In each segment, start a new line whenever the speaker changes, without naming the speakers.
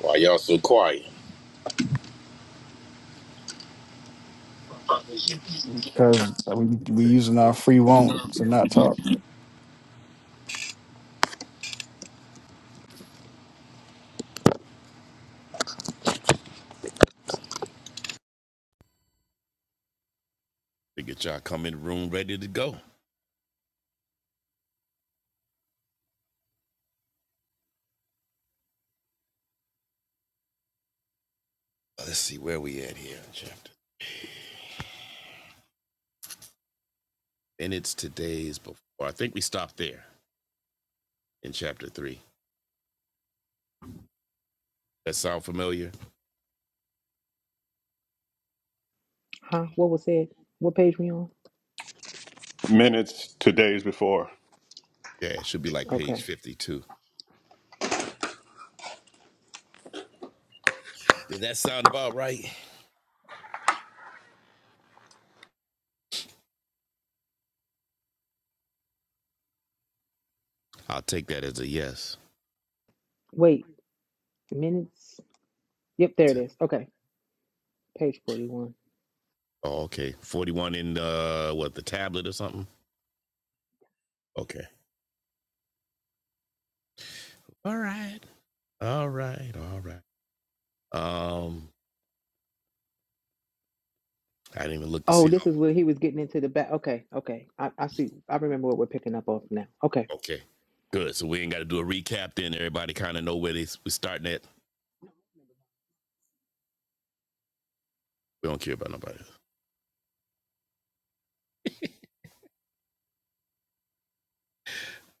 Why y'all so quiet?
because we we using our free won't to not talk
to get y'all come in the room ready to go. Uh, Let's see where we at here in chapter. And it's today's before. I think we stopped there in chapter three. That sound familiar?
Huh? What was said? What page we on?
minutes to days before.
Yeah, it should be like page
Okay.
52. Did that sound about right? I'll take that as a yes.
Wait, minutes? Yep, there it is. Okay. Page 41.
Oh, okay. 41 in uh what the tablet or something? Okay. All right. All right. All right. Um, I didn't even look to
Oh,
see
this
how
is where he was getting into the back. Okay, okay. I, I see. I remember what we're picking up off now. Okay.
okay. Good. So we ain't gotta do a recap then. Everybody kinda know where they we starting at. We don't care about nobody. else.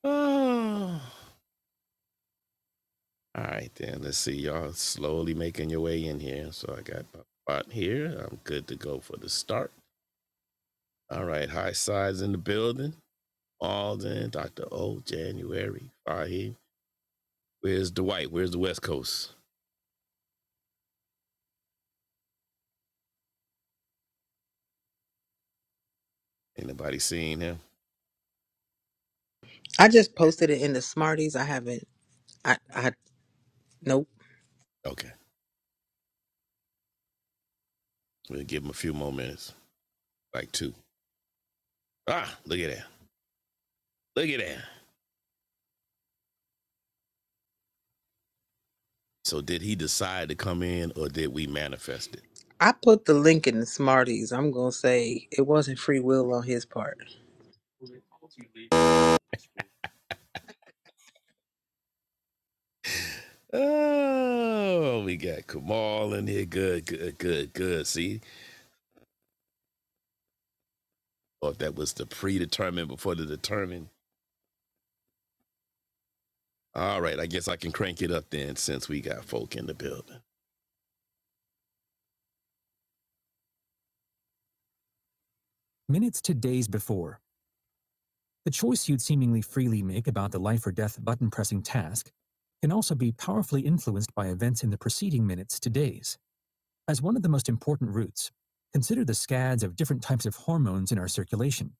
Oh. All right, then. Let's see. Y'all slowly making your way in here. So I got my spot here. I'm good to go for the start. All right. High sides in the building. Alden, Dr. O, January, Fahim. Where's Dwight? Where's the West Coast? Anybody seen him?
I just posted it in the Smarties. I haven't. I. I. Nope.
Okay. We'll give him a few more minutes, like two. Ah, look at that. Look at that. So did he decide to come in or did we manifest it?
I put the link in the Smarties. I'm gonna say it wasn't free will on his part.
Oh, we got Kamal in here. Good, good, good, good. See, or if that was the predetermined before the determined. All right, I guess I can crank it up then since we got folk in the building. Minutes to days before, the choice you'd seemingly freely make about the life or death button pressing task can also be powerfully influenced by events in the preceding minutes to days. As one of the most important routes, consider the scads of different types of hormones in our circulation,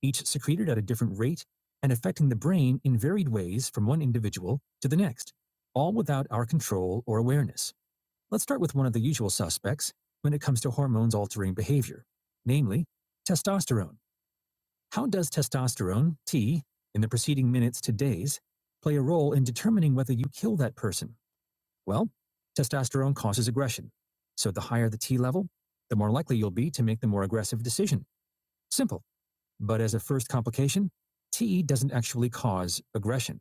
each secreted at a different rate and affecting the brain in varied ways from one individual to the next, all without our control or awareness. Let's start with one of the usual suspects when it comes to hormones altering behavior, namely testosterone. How does testosterone, T, in the preceding minutes to days, play a role in determining whether you kill that person? Well, testosterone causes aggression. So the higher the T level, the more likely you'll be to make the more aggressive decision. Simple. But as a first complication, T doesn't actually cause aggression.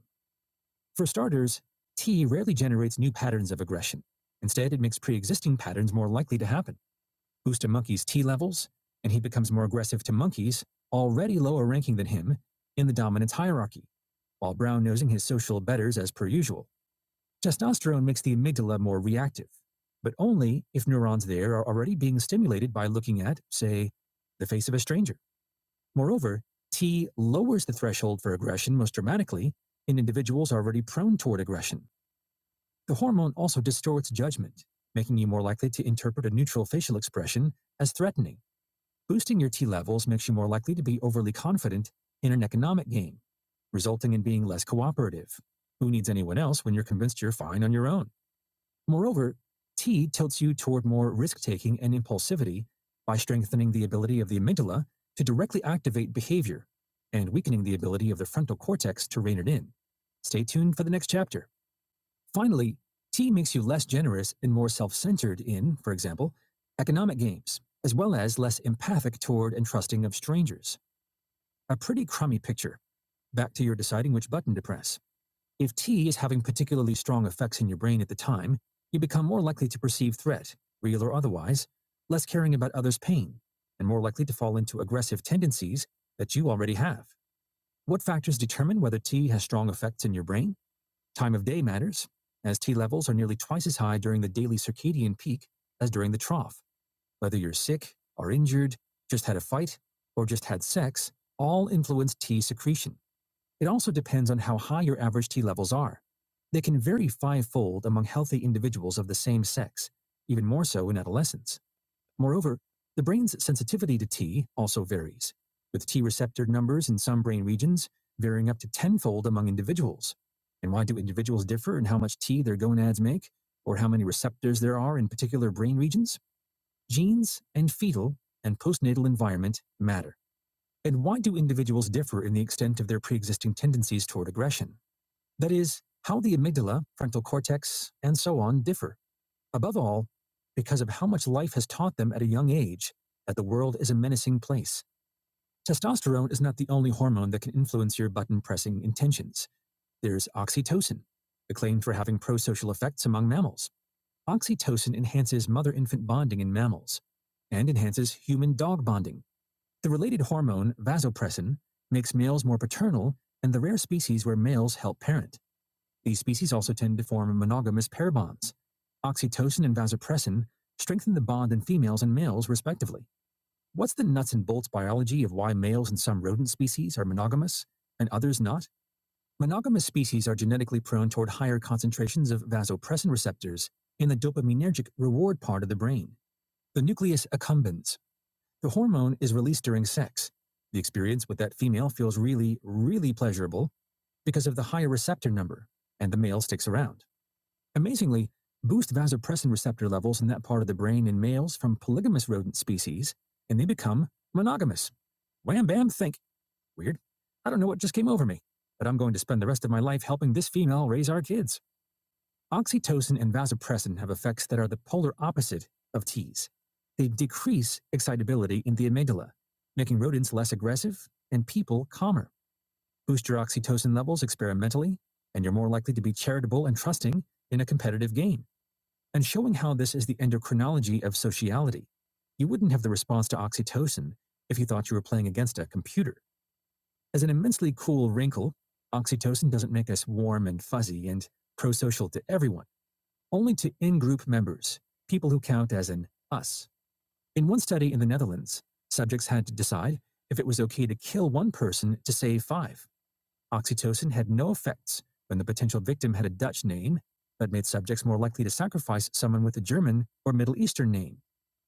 For starters, T rarely generates new patterns of aggression. Instead, it makes pre existing patterns more likely to happen boost a monkey's T levels, and he becomes more aggressive to monkeys already lower ranking than him in the dominance hierarchy, while brown nosing his social betters as per usual. Testosterone makes the amygdala more reactive, but only if neurons there are already being stimulated by looking at, say, the face of a stranger. Moreover, T lowers the threshold for aggression most dramatically in individuals already prone toward aggression. The hormone also distorts judgment, making you more likely to interpret a neutral facial expression as threatening. Boosting your T levels makes you more likely to be overly confident in an economic game, resulting in being less cooperative. Who needs anyone else when you're convinced you're fine on your own? Moreover, T tilts you toward more risk taking and impulsivity by strengthening the ability of the amygdala to directly activate behavior and weakening the ability of the frontal cortex to rein it in. Stay tuned for the next chapter. Finally, tea makes you less generous and more self centered in, for example, economic games, as well as less empathic toward and trusting of strangers. A pretty crummy picture. Back to your deciding which button to press. If tea is having particularly strong effects in your brain at the time, you become more likely to perceive threat, real or otherwise, less caring about others' pain, and more likely to fall into aggressive tendencies that you already have. What factors determine whether tea has strong effects in your brain? Time of day matters, as T levels are nearly twice as high during the daily circadian peak as during the trough. Whether you're sick, are injured, just had a fight, or just had sex, all influence T secretion. It also depends on how high your average T levels are. They can vary fivefold among healthy individuals of the same sex, even more so in adolescence. Moreover, the brain's sensitivity to T also varies, with T receptor numbers in some brain regions varying up to tenfold among individuals. And why do individuals differ in how much T their gonads make, or how many receptors there are in particular brain regions? Genes and fetal and postnatal environment matter. And why do individuals differ in the extent of their pre existing tendencies toward aggression? That is, how the amygdala, frontal cortex, and so on differ. Above all, because of how much life has taught them at a young age that the world is a menacing place. Testosterone is not the only hormone that can influence your button pressing intentions. There's oxytocin, acclaimed for having prosocial effects among mammals. Oxytocin enhances mother infant bonding in mammals and enhances human dog bonding. The related hormone, vasopressin, makes males more paternal and the rare species where males help parent. These species also tend to form monogamous pair bonds. Oxytocin and vasopressin strengthen the bond in females and males, respectively. What's the nuts and bolts biology of why males in some rodent species are monogamous and others not? Monogamous species are genetically prone toward higher concentrations of vasopressin receptors in the dopaminergic reward part of the brain, the nucleus accumbens. The hormone is released during sex. The experience with that female feels really, really pleasurable because of the higher receptor number, and the male sticks around. Amazingly, boost vasopressin receptor levels in that part of the brain in males from polygamous rodent species, and they become monogamous. Wham bam think. Weird. I don't know what just came over me, but I'm going to spend the rest of my life helping this female raise our kids. Oxytocin and vasopressin have effects that are the polar opposite of T's. They decrease excitability in the amygdala, making rodents less aggressive and people calmer. Boost your oxytocin levels experimentally, and you're more likely to be charitable and trusting in a competitive game and showing how this is the endocrinology of sociality. You wouldn't have the response to oxytocin if you thought you were playing against a computer. As an immensely cool wrinkle, oxytocin doesn't make us warm and fuzzy and prosocial to everyone, only to in group members, people who count as an us. In one study in the Netherlands, subjects had to decide if it was okay to kill one person to save five. Oxytocin had no effects when the potential victim had a Dutch name that made subjects more likely to sacrifice someone with a German or Middle Eastern name,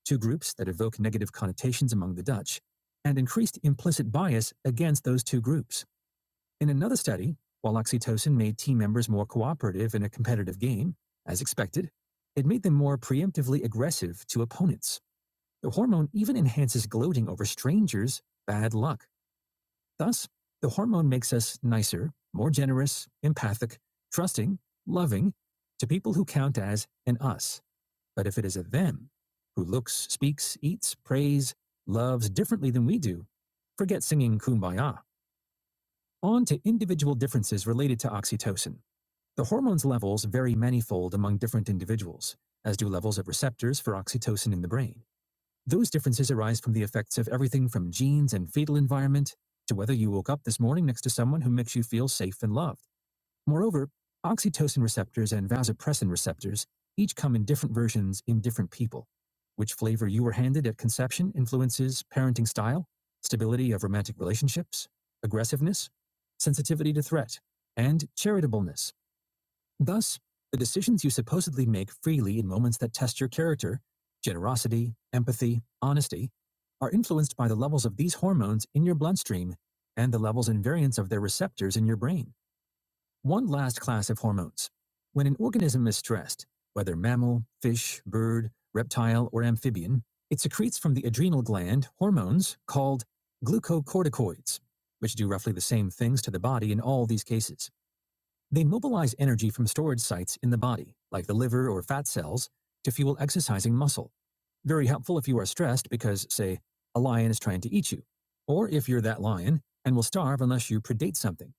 two groups that evoke negative connotations among the Dutch, and increased implicit bias against those two groups. In another study, while oxytocin made team members more cooperative in a competitive game, as expected, it made them more preemptively aggressive to opponents. The hormone even enhances gloating over strangers' bad luck. Thus, the hormone makes us nicer, more generous, empathic, trusting, loving to people who count as an us. But if it is a them who looks, speaks, eats, prays, loves differently than we do, forget singing kumbaya. On to individual differences related to oxytocin. The hormone's levels vary manifold among different individuals, as do levels of receptors for oxytocin in the brain. Those differences arise from the effects of everything from genes and fetal environment to whether you woke up this morning next to someone who makes you feel safe and loved. Moreover, oxytocin receptors and vasopressin receptors each come in different versions in different people. Which flavor you were handed at conception influences parenting style, stability of romantic relationships, aggressiveness, sensitivity to threat, and charitableness. Thus, the decisions you supposedly make freely in moments that test your character generosity, empathy, honesty are influenced by the levels of these hormones in your bloodstream and the levels and variants of their receptors in your brain. One last class of hormones. When an organism is stressed, whether mammal, fish, bird, reptile, or amphibian, it secretes from the adrenal gland hormones called glucocorticoids, which do roughly the same things to the body in all these cases. They mobilize energy from storage sites in the body, like the liver or fat cells, to fuel exercising muscle. Very helpful if you are stressed because, say, a lion is trying to eat you, or if you're that lion and will starve unless you predate something.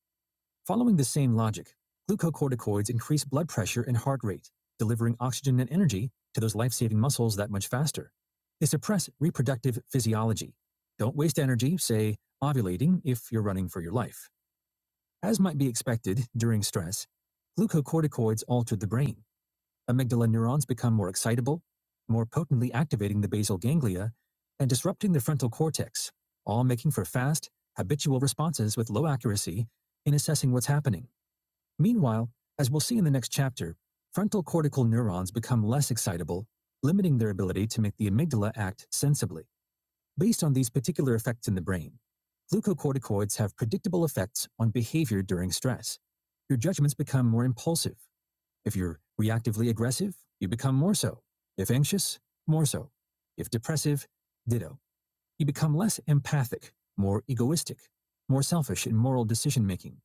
Following the same logic, glucocorticoids increase blood pressure and heart rate, delivering oxygen and energy to those life saving muscles that much faster. They suppress reproductive physiology. Don't waste energy, say, ovulating, if you're running for your life. As might be expected during stress, glucocorticoids altered the brain. Amygdala neurons become more excitable, more potently activating the basal ganglia, and disrupting the frontal cortex, all making for fast, habitual responses with low accuracy in assessing what's happening. Meanwhile, as we'll see in the next chapter, frontal cortical neurons become less excitable, limiting their ability to make the amygdala act sensibly. Based on these particular effects in the brain, glucocorticoids have predictable effects on behavior during stress. Your judgments become more impulsive. If you're reactively aggressive, you become more so. If anxious, more so. If depressive, ditto. You become less empathic, more egoistic, more selfish in moral decision making.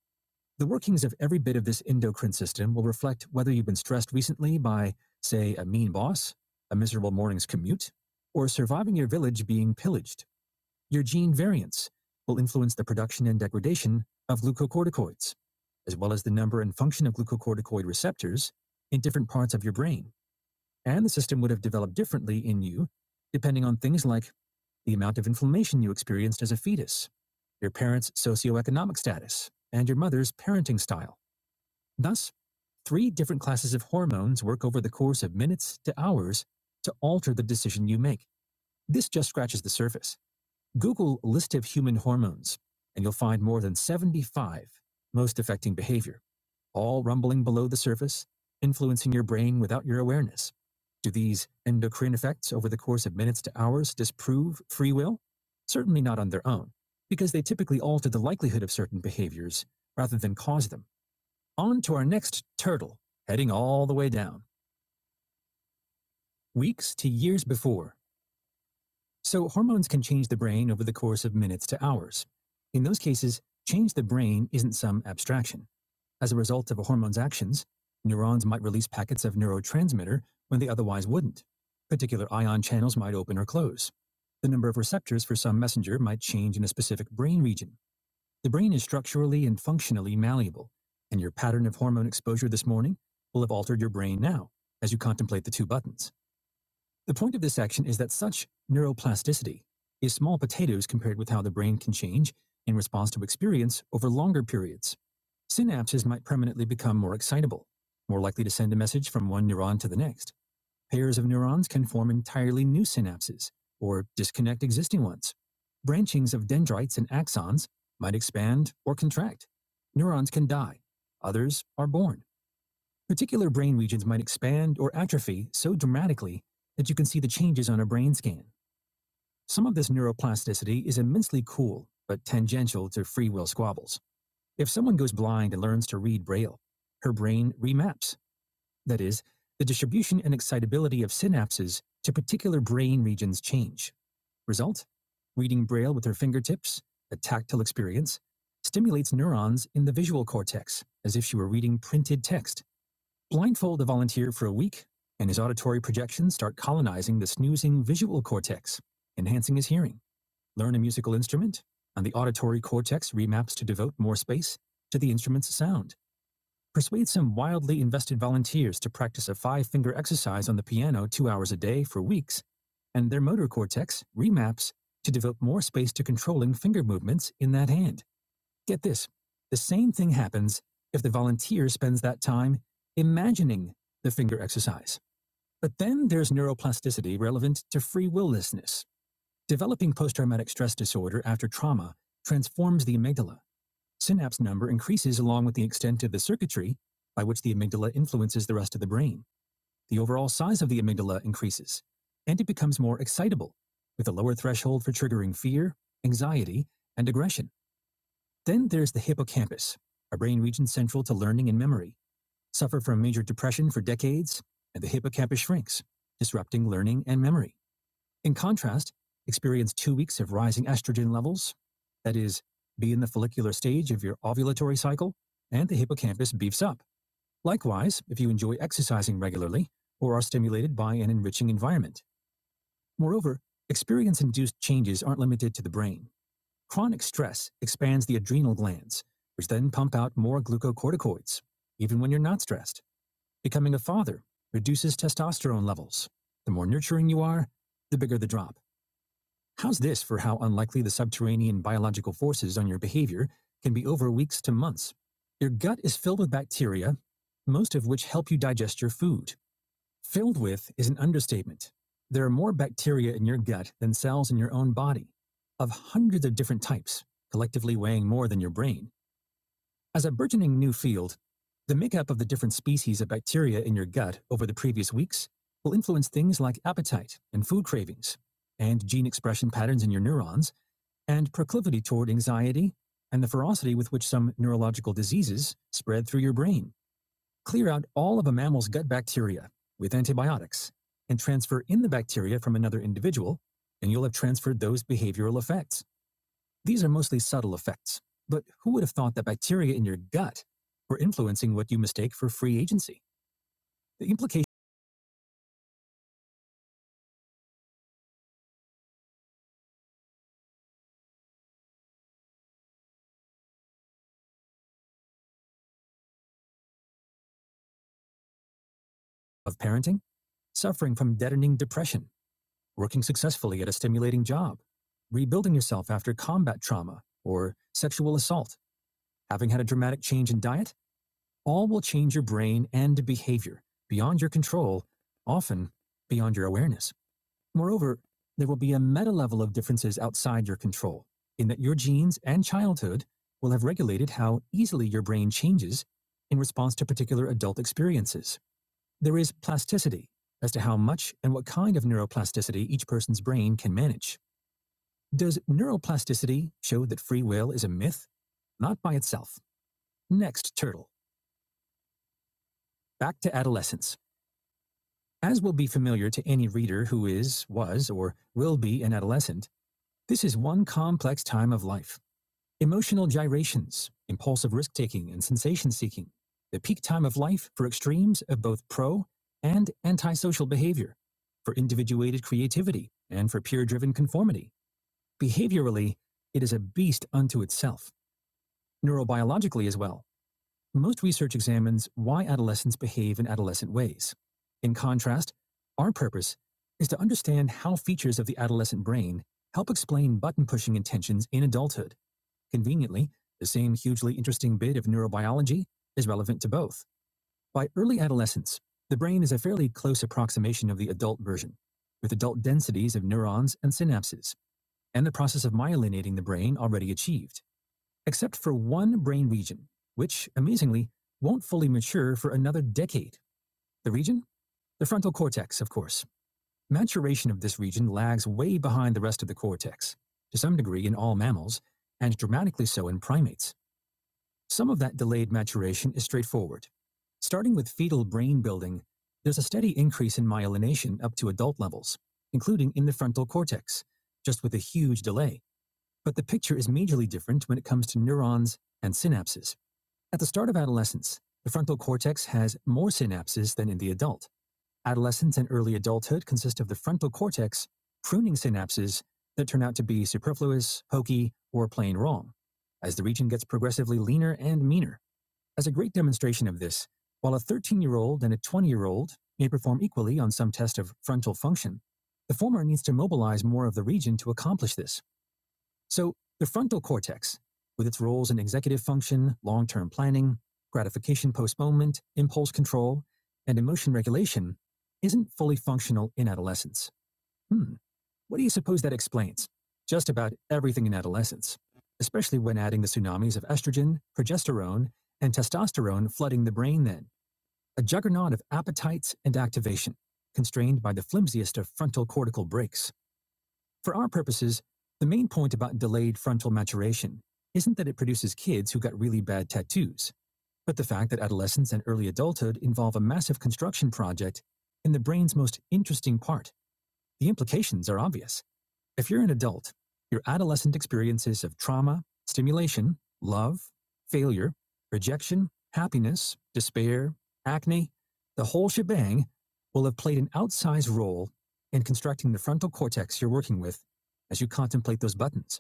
The workings of every bit of this endocrine system will reflect whether you've been stressed recently by, say, a mean boss, a miserable morning's commute, or surviving your village being pillaged. Your gene variants will influence the production and degradation of glucocorticoids, as well as the number and function of glucocorticoid receptors in different parts of your brain. And the system would have developed differently in you, depending on things like the amount of inflammation you experienced as a fetus, your parents' socioeconomic status, and your mother's parenting style. Thus, three different classes of hormones work over the course of minutes to hours to alter the decision you make. This just scratches the surface. Google list of human hormones, and you'll find more than 75 most affecting behavior, all rumbling below the surface, influencing your brain without your awareness. Do these endocrine effects over the course of minutes to hours disprove free will? Certainly not on their own, because they typically alter the likelihood of certain behaviors rather than cause them. On to our next turtle, heading all the way down, weeks to years before, So, hormones can change the brain over the course of minutes to hours. In those cases, change the brain isn't some abstraction. As a result of a hormone's actions, neurons might release packets of neurotransmitter when they otherwise wouldn't. Particular ion channels might open or close. The number of receptors for some messenger might change in a specific brain region. The brain is structurally and functionally malleable, and your pattern of hormone exposure this morning will have altered your brain now as you contemplate the two buttons. The point of this action is that such neuroplasticity is small potatoes compared with how the brain can change in response to experience over longer periods. Synapses might permanently become more excitable, more likely to send a message from one neuron to the next. Pairs of neurons can form entirely new synapses or disconnect existing ones. Branchings of dendrites and axons might expand or contract. Neurons can die, others are born. Particular brain regions might expand or atrophy so dramatically that you can see the changes on a brain scan. Some of this neuroplasticity is immensely cool, but tangential to free will squabbles. If someone goes blind and learns to read Braille, her brain remaps. That is, the distribution and excitability of synapses to particular brain regions change. Result? Reading Braille with her fingertips, the tactile experience, stimulates neurons in the visual cortex as if she were reading printed text. Blindfold the volunteer for a week, and his auditory projections start colonizing the snoozing visual cortex, enhancing his hearing. Learn a musical instrument, and the auditory cortex remaps to devote more space to the instrument's sound. Persuade some wildly invested volunteers to practice a five finger exercise on the piano two hours a day for weeks, and their motor cortex remaps to devote more space to controlling finger movements in that hand. Get this the same thing happens if the volunteer spends that time imagining the finger exercise. But then there's neuroplasticity relevant to free willlessness. Developing post traumatic stress disorder after trauma transforms the amygdala. Synapse number increases along with the extent of the circuitry by which the amygdala influences the rest of the brain. The overall size of the amygdala increases, and it becomes more excitable, with a lower threshold for triggering fear, anxiety, and aggression. Then there's the hippocampus, a brain region central to learning and memory, suffered from major depression for decades, and the hippocampus shrinks, disrupting learning and memory. In contrast, experience two weeks of rising estrogen levels, that is, be in the follicular stage of your ovulatory cycle, and the hippocampus beefs up. Likewise, if you enjoy exercising regularly or are stimulated by an enriching environment. Moreover, experience induced changes aren't limited to the brain. Chronic stress expands the adrenal glands, which then pump out more glucocorticoids, even when you're not stressed. Becoming a father reduces testosterone levels. The more nurturing you are, the bigger the drop. How's this for how unlikely the subterranean biological forces on your behavior can be over weeks to months? Your gut is filled with bacteria, most of which help you digest your food. Filled with is an understatement. There are more bacteria in your gut than cells in your own body, of hundreds of different types, collectively weighing more than your brain. As a burgeoning new field, the makeup of the different species of bacteria in your gut over the previous weeks will influence things like appetite and food cravings, and gene expression patterns in your neurons, and proclivity toward anxiety, and the ferocity with which some neurological diseases spread through your brain. Clear out all of a mammal's gut bacteria with antibiotics and transfer in the bacteria from another individual, and you'll have transferred those behavioral effects. These are mostly subtle effects, but who would have thought that bacteria in your gut were influencing what you mistake for free agency? The implication of parenting, suffering from deadening depression, working successfully at a stimulating job, rebuilding yourself after combat trauma or sexual assault, having had a dramatic change in diet, All will change your brain and behavior beyond your control, often beyond your awareness. Moreover, there will be a meta level of differences outside your control, in that your genes and childhood will have regulated how easily your brain changes in response to particular adult experiences. There is plasticity as to how much and what kind of neuroplasticity each person's brain can manage. Does neuroplasticity show that free will is a myth? Not by itself. Next turtle. Back to adolescence. As will be familiar to any reader who is, was, or will be an adolescent, this is one complex time of life. Emotional gyrations, impulsive risk taking, and sensation seeking. The peak time of life for extremes of both pro and antisocial behavior, for individuated creativity, and for peer driven conformity. Behaviorally, it is a beast unto itself, neurobiologically as well. Most research examines why adolescents behave in adolescent ways. In contrast, our purpose is to understand how features of the adolescent brain help explain button pushing intentions in adulthood. Conveniently, the same hugely interesting bit of neurobiology is relevant to both. By early adolescence, the brain is a fairly close approximation of the adult version, with adult densities of neurons and synapses, and the process of myelinating the brain already achieved except for one brain region, which, amazingly, won't fully mature for another decade. The region? The frontal cortex, of course. Maturation of this region lags way behind the rest of the cortex, to some degree in all mammals, and dramatically so in primates. Some of that delayed maturation is straightforward. Starting with fetal brain building, there's a steady increase in myelination up to adult levels, including in the frontal cortex, just with a huge delay. But the picture is majorly different when it comes to neurons and synapses. At the start of adolescence, the frontal cortex has more synapses than in the adult. Adolescence and early adulthood consist of the frontal cortex pruning synapses that turn out to be superfluous, hokey, or plain wrong, as the region gets progressively leaner and meaner. As a great demonstration of this, while a 13 year old and a 20 year old may perform equally on some test of frontal function, the former needs to mobilize more of the region to accomplish this. So, the frontal cortex, with its roles in executive function, long term planning, gratification postponement, impulse control, and emotion regulation, isn't fully functional in adolescence. Hmm, what do you suppose that explains? Just about everything in adolescence, especially when adding the tsunamis of estrogen, progesterone, and testosterone flooding the brain, then a juggernaut of appetites and activation, constrained by the flimsiest of frontal cortical breaks. For our purposes, the main point about delayed frontal maturation isn't that it produces kids who got really bad tattoos, but the fact that adolescence and early adulthood involve a massive construction project in the brain's most interesting part. The implications are obvious. If you're an adult, your adolescent experiences of trauma, stimulation, love, failure, rejection, happiness, despair, acne, the whole shebang will have played an outsized role in constructing the frontal cortex you're working with as you contemplate those buttons.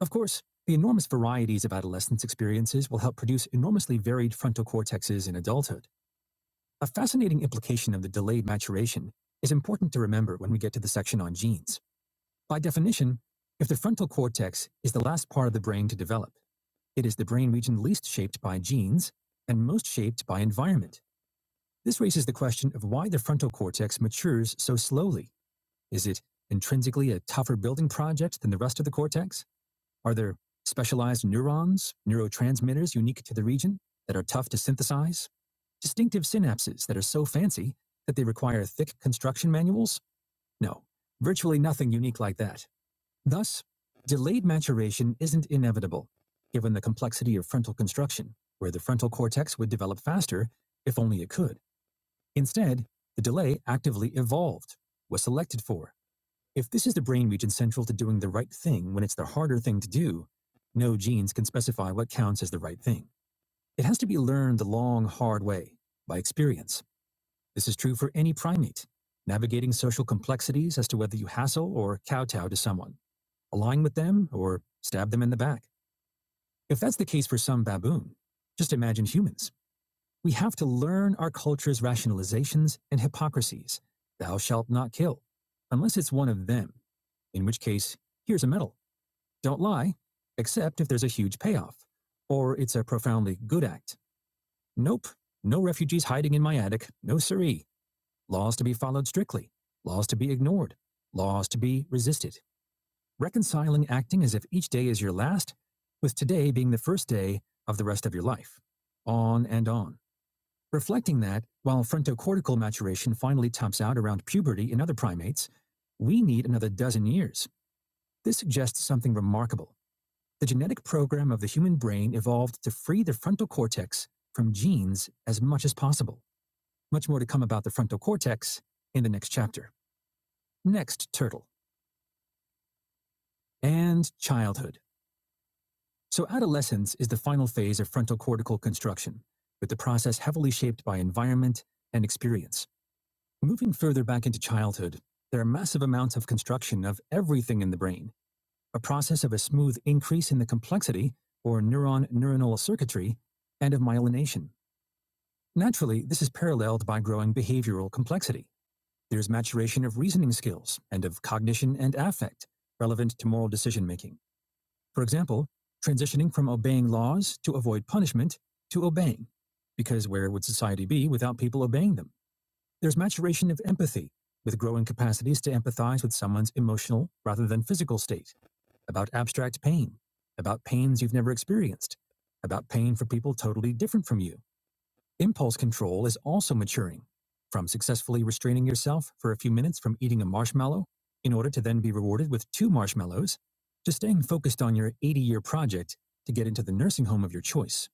Of course, the enormous varieties of adolescence experiences will help produce enormously varied frontal cortexes in adulthood. A fascinating implication of the delayed maturation is important to remember when we get to the section on genes. By definition, if the frontal cortex is the last part of the brain to develop, it is the brain region least shaped by genes and most shaped by environment. This raises the question of why the frontal cortex matures so slowly. Is it intrinsically a tougher building project than the rest of the cortex? Are there specialized neurons, neurotransmitters unique to the region that are tough to synthesize? Distinctive synapses that are so fancy that they require thick construction manuals? No, virtually nothing unique like that. Thus, delayed maturation isn't inevitable, given the complexity of frontal construction, where the frontal cortex would develop faster if only it could. Instead, the delay actively evolved, was selected for. If this is the brain region central to doing the right thing when it's the harder thing to do, no genes can specify what counts as the right thing. It has to be learned the long, hard way, by experience. This is true for any primate, navigating social complexities as to whether you hassle or kowtow to someone align with them, or stab them in the back. If that's the case for some baboon, just imagine humans. We have to learn our culture's rationalizations and hypocrisies. Thou shalt not kill, unless it's one of them, in which case, here's a medal. Don't lie, except if there's a huge payoff, or it's a profoundly good act. Nope, no refugees hiding in my attic, no siree. Laws to be followed strictly, laws to be ignored, laws to be resisted. reconciling acting as if each day is your last, with today being the first day of the rest of your life. On and on. Reflecting that, while frontocortical maturation finally tops out around puberty in other primates, we need another dozen years. This suggests something remarkable. The genetic program of the human brain evolved to free the frontal cortex from genes as much as possible. Much more to come about the frontal cortex in the next chapter. Next, turtle. And childhood. So, adolescence is the final phase of frontal cortical construction, with the process heavily shaped by environment and experience. Moving further back into childhood, there are massive amounts of construction of everything in the brain, a process of a smooth increase in the complexity, or neuron neuronal circuitry, and of myelination. Naturally, this is paralleled by growing behavioral complexity. There's maturation of reasoning skills and of cognition and affect relevant to moral decision making. For example, transitioning from obeying laws to avoid punishment to obeying, because where would society be without people obeying them? There's maturation of empathy, with growing capacities to empathize with someone's emotional rather than physical state, about abstract pain, about pains you've never experienced, about pain for people totally different from you Impulse control is also maturing, from successfully restraining yourself for a few minutes from eating a marshmallow in order to then be rewarded with two marshmallows, to staying focused on your 80 year project to get into the nursing home of your choice.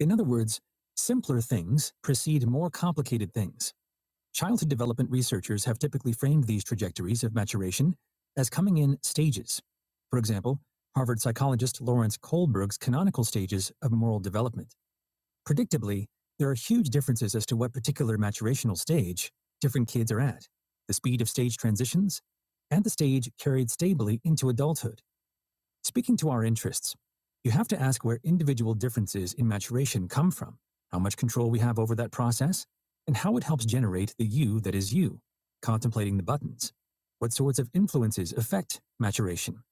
In other words, simpler things precede more complicated things. Childhood development researchers have typically framed these trajectories of maturation as coming in stages. For example, Harvard psychologist Lawrence Kohlberg's canonical stages of moral development. Predictably, there are huge differences as to what particular maturational stage different kids are at, the speed of stage transitions, and the stage carried stably into adulthood. Speaking to our interests, you have to ask where individual differences in maturation come from, how much control we have over that process, and how it helps generate the you that is you, contemplating the buttons. What sorts of influences affect maturation?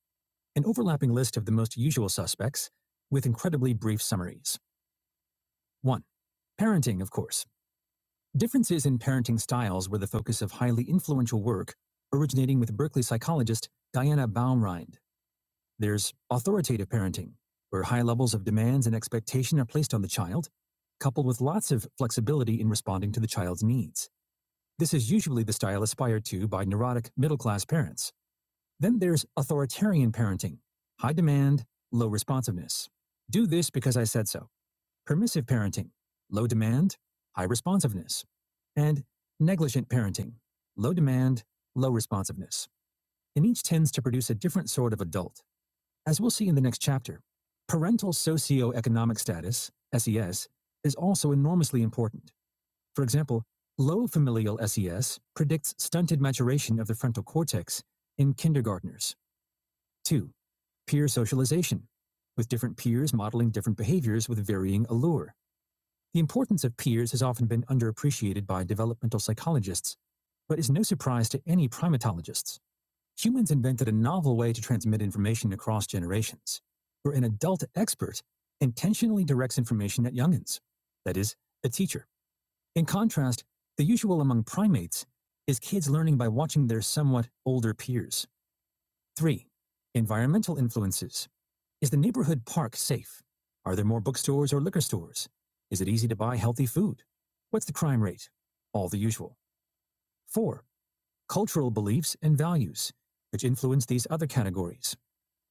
An overlapping list of the most usual suspects with incredibly brief summaries. 1. Parenting, of course. Differences in parenting styles were the focus of highly influential work originating with Berkeley psychologist Diana Baumrind. There's authoritative parenting, where high levels of demands and expectation are placed on the child, coupled with lots of flexibility in responding to the child's needs. This is usually the style aspired to by neurotic middle class parents. Then there's authoritarian parenting, high demand, low responsiveness. Do this because I said so permissive parenting, low demand, high responsiveness, and negligent parenting, low demand, low responsiveness. And each tends to produce a different sort of adult, as we'll see in the next chapter. Parental socioeconomic status, SES, is also enormously important. For example, low familial SES predicts stunted maturation of the frontal cortex in kindergartners. Two, peer socialization, with different peers modeling different behaviors with varying allure. The importance of peers has often been underappreciated by developmental psychologists, but is no surprise to any primatologists. Humans invented a novel way to transmit information across generations, where an adult expert intentionally directs information at youngins, that is, a teacher. In contrast, the usual among primates is kids learning by watching their somewhat older peers. 3. Environmental influences. Is the neighborhood park safe? Are there more bookstores or liquor stores? Is it easy to buy healthy food? What's the crime rate? All the usual. Four, cultural beliefs and values, which influence these other categories.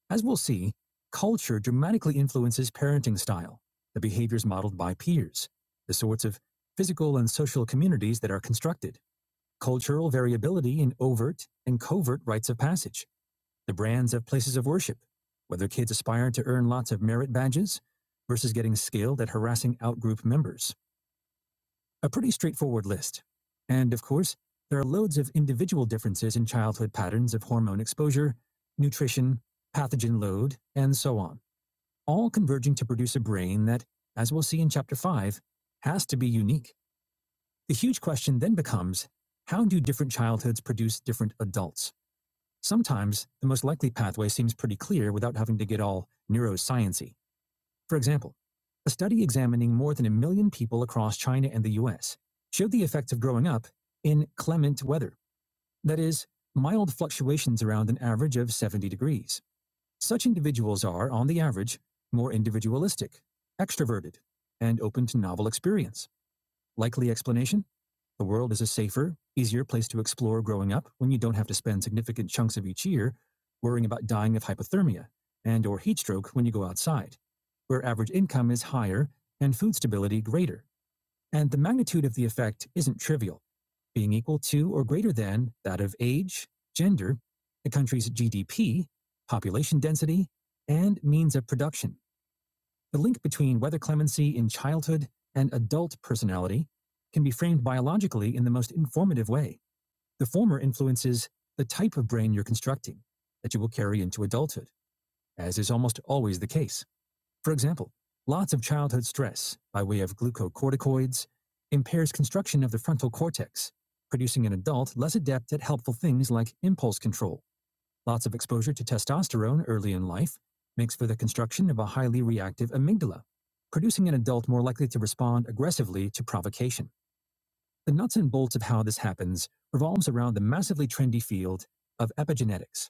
As we'll see, culture dramatically influences parenting style, the behaviors modeled by peers, the sorts of physical and social communities that are constructed, cultural variability in overt and covert rites of passage, the brands of places of worship, whether kids aspire to earn lots of merit badges versus getting skilled at harassing outgroup members. A pretty straightforward list. And of course, there are loads of individual differences in childhood patterns of hormone exposure, nutrition, pathogen load, and so on, all converging to produce a brain that, as we'll see in Chapter 5, has to be unique. The huge question then becomes how do different childhoods produce different adults? Sometimes the most likely pathway seems pretty clear without having to get all neurosciency. For example, a study examining more than a million people across China and the US showed the effects of growing up in clement weather, that is, mild fluctuations around an average of 70 degrees. Such individuals are, on the average, more individualistic, extroverted, and open to novel experience. Likely explanation? The world is a safer, easier place to explore growing up when you don't have to spend significant chunks of each year worrying about dying of hypothermia and or heat stroke when you go outside, where average income is higher and food stability greater, and the magnitude of the effect isn't trivial, being equal to or greater than that of age, gender, the country's GDP, population density, and means of production. The link between weather clemency in childhood and adult personality can be framed biologically in the most informative way. The former influences the type of brain you're constructing that you will carry into adulthood, as is almost always the case. For example, lots of childhood stress by way of glucocorticoids impairs construction of the frontal cortex, producing an adult less adept at helpful things like impulse control Lots of exposure to testosterone early in life makes for the construction of a highly reactive amygdala, producing an adult more likely to respond aggressively to provocation. The nuts and bolts of how this happens revolves around the massively trendy field of epigenetics,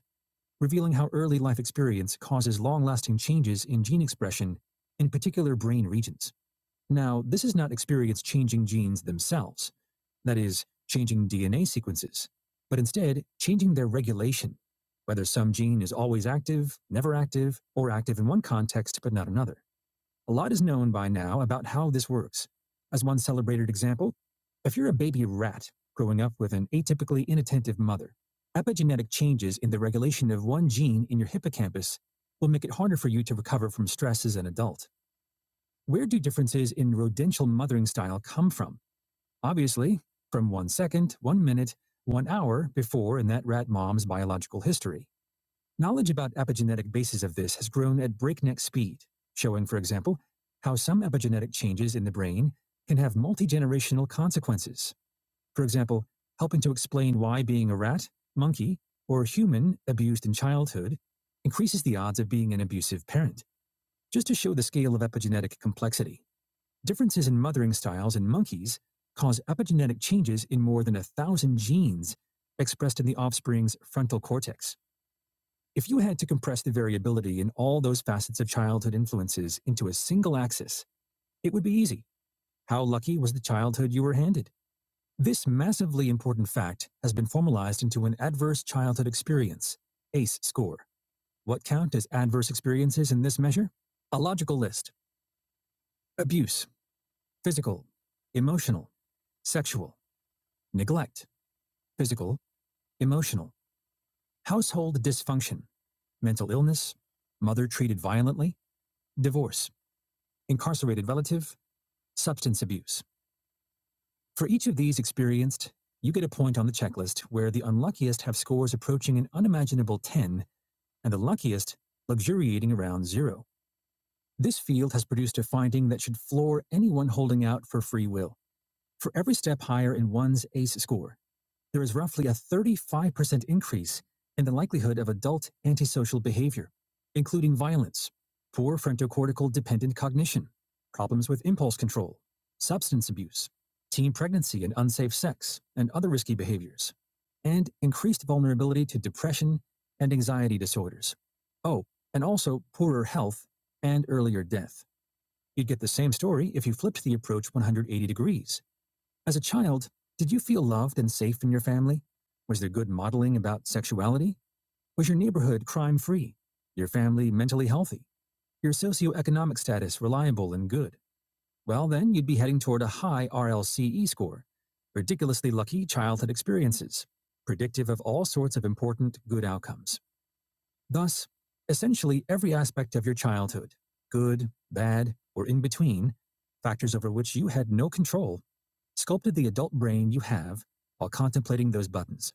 revealing how early life experience causes long lasting changes in gene expression in particular brain regions. Now, this is not experience changing genes themselves, that is, changing DNA sequences, but instead changing their regulation, whether some gene is always active, never active, or active in one context but not another. A lot is known by now about how this works. As one celebrated example, if you're a baby rat growing up with an atypically inattentive mother, epigenetic changes in the regulation of one gene in your hippocampus will make it harder for you to recover from stress as an adult. Where do differences in rodential mothering style come from? Obviously, from one second, one minute, one hour before in that rat mom's biological history. Knowledge about epigenetic bases of this has grown at breakneck speed, showing, for example, how some epigenetic changes in the brain can have multi generational consequences. For example, helping to explain why being a rat, monkey, or human abused in childhood increases the odds of being an abusive parent, just to show the scale of epigenetic complexity. Differences in mothering styles in monkeys cause epigenetic changes in more than a thousand genes expressed in the offspring's frontal cortex. If you had to compress the variability in all those facets of childhood influences into a single axis, it would be easy. How lucky was the childhood you were handed? This massively important fact has been formalized into an adverse childhood experience, ACE score. What count as adverse experiences in this measure? A logical list abuse, physical, emotional, sexual neglect, physical, emotional, household dysfunction, mental illness, mother treated violently, divorce, incarcerated relative, substance abuse. For each of these experienced, you get a point on the checklist where the unluckiest have scores approaching an unimaginable 10 and the luckiest luxuriating around zero. This field has produced a finding that should floor anyone holding out for free will. For every step higher in one's ACE score, there is roughly a 35% increase in the likelihood of adult antisocial behavior, including violence, poor frontocortical dependent cognition, problems with impulse control, substance abuse, teen pregnancy and unsafe sex, and other risky behaviors, and increased vulnerability to depression and anxiety disorders. Oh, and also poorer health and earlier death. You'd get the same story if you flipped the approach 180 degrees as a child, did you feel loved and safe in your family? Was there good modeling about sexuality? Was your neighborhood crime free? Your family mentally healthy? Your socioeconomic status reliable and good? Well, then you'd be heading toward a high RLCE score. Ridiculously lucky childhood experiences, predictive of all sorts of important good outcomes. Thus, essentially every aspect of your childhood, good, bad, or in between, factors over which you had no control, sculpted the adult brain you have while contemplating those buttons.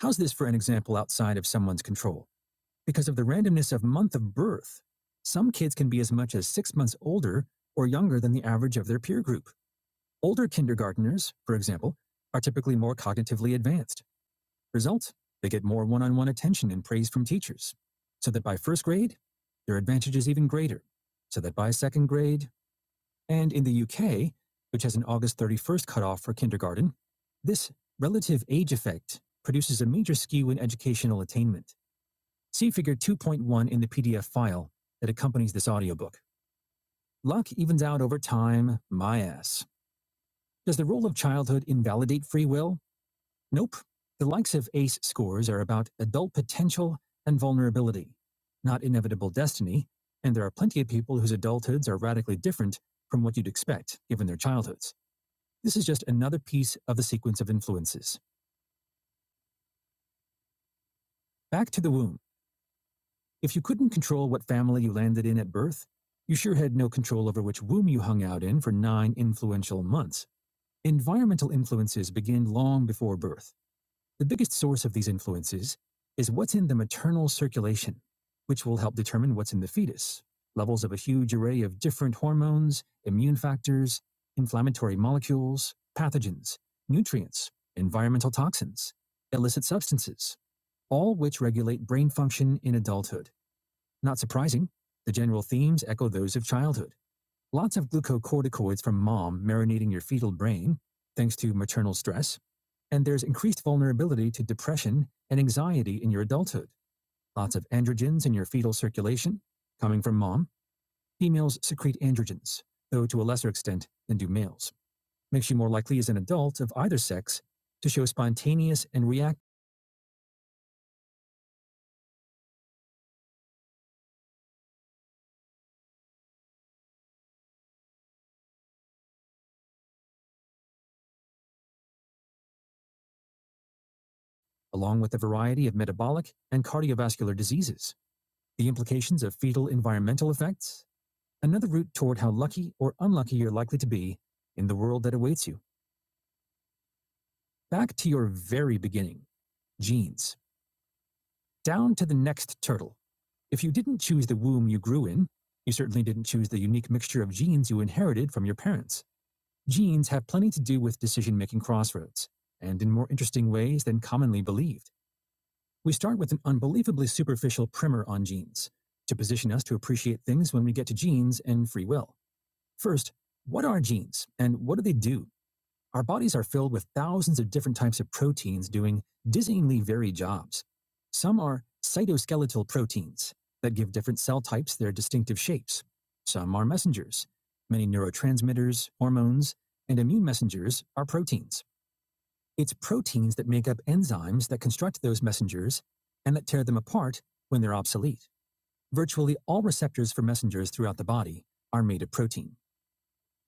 How's this for an example outside of someone's control? Because of the randomness of month of birth, some kids can be as much as six months older or younger than the average of their peer group. Older kindergarteners, for example, are typically more cognitively advanced. Result, they get more one on one attention and praise from teachers, so that by first grade, their advantage is even greater, so that by second grade, and in the UK, which has an August 31st cutoff for kindergarten, this relative age effect produces a major skew in educational attainment. See Figure 2.1 in the PDF file that accompanies this audiobook. Luck evens out over time, my ass. Does the role of childhood invalidate free will? Nope. The likes of ACE scores are about adult potential and vulnerability, not inevitable destiny, and there are plenty of people whose adulthoods are radically different from what you'd expect given their childhoods. This is just another piece of the sequence of influences. Back to the womb. If you couldn't control what family you landed in at birth, you sure had no control over which womb you hung out in for nine influential months. Environmental influences begin long before birth. The biggest source of these influences is what's in the maternal circulation, which will help determine what's in the fetus. Levels of a huge array of different hormones, immune factors, inflammatory molecules, pathogens, nutrients, environmental toxins, illicit substances, all which regulate brain function in adulthood. Not surprising, the general themes echo those of childhood. Lots of glucocorticoids from mom marinating your fetal brain, thanks to maternal stress. And there's increased vulnerability to depression and anxiety in your adulthood. Lots of androgens in your fetal circulation coming from mom. Females secrete androgens, though to a lesser extent than do males. Makes you more likely as an adult of either sex to show spontaneous and react, along with a variety of metabolic and cardiovascular diseases. The implications of fetal environmental effects another route toward how lucky or unlucky you're likely to be in the world that awaits you. Back to your very beginning, genes, down to the next turtle. If you didn't choose the womb you grew in, you certainly didn't choose the unique mixture of genes you inherited from your parents. Genes have plenty to do with decision making crossroads, and in more interesting ways than commonly believed. We start with an unbelievably superficial primer on genes to position us to appreciate things when we get to genes and free will. First, what are genes and what do they do? Our bodies are filled with thousands of different types of proteins doing dizzyingly varied jobs. Some are cytoskeletal proteins that give different cell types their distinctive shapes. Some are messengers. Many neurotransmitters, hormones, and immune messengers are proteins. It's proteins that make up enzymes that construct those messengers and that tear them apart when they're obsolete. Virtually all receptors for messengers throughout the body are made of protein.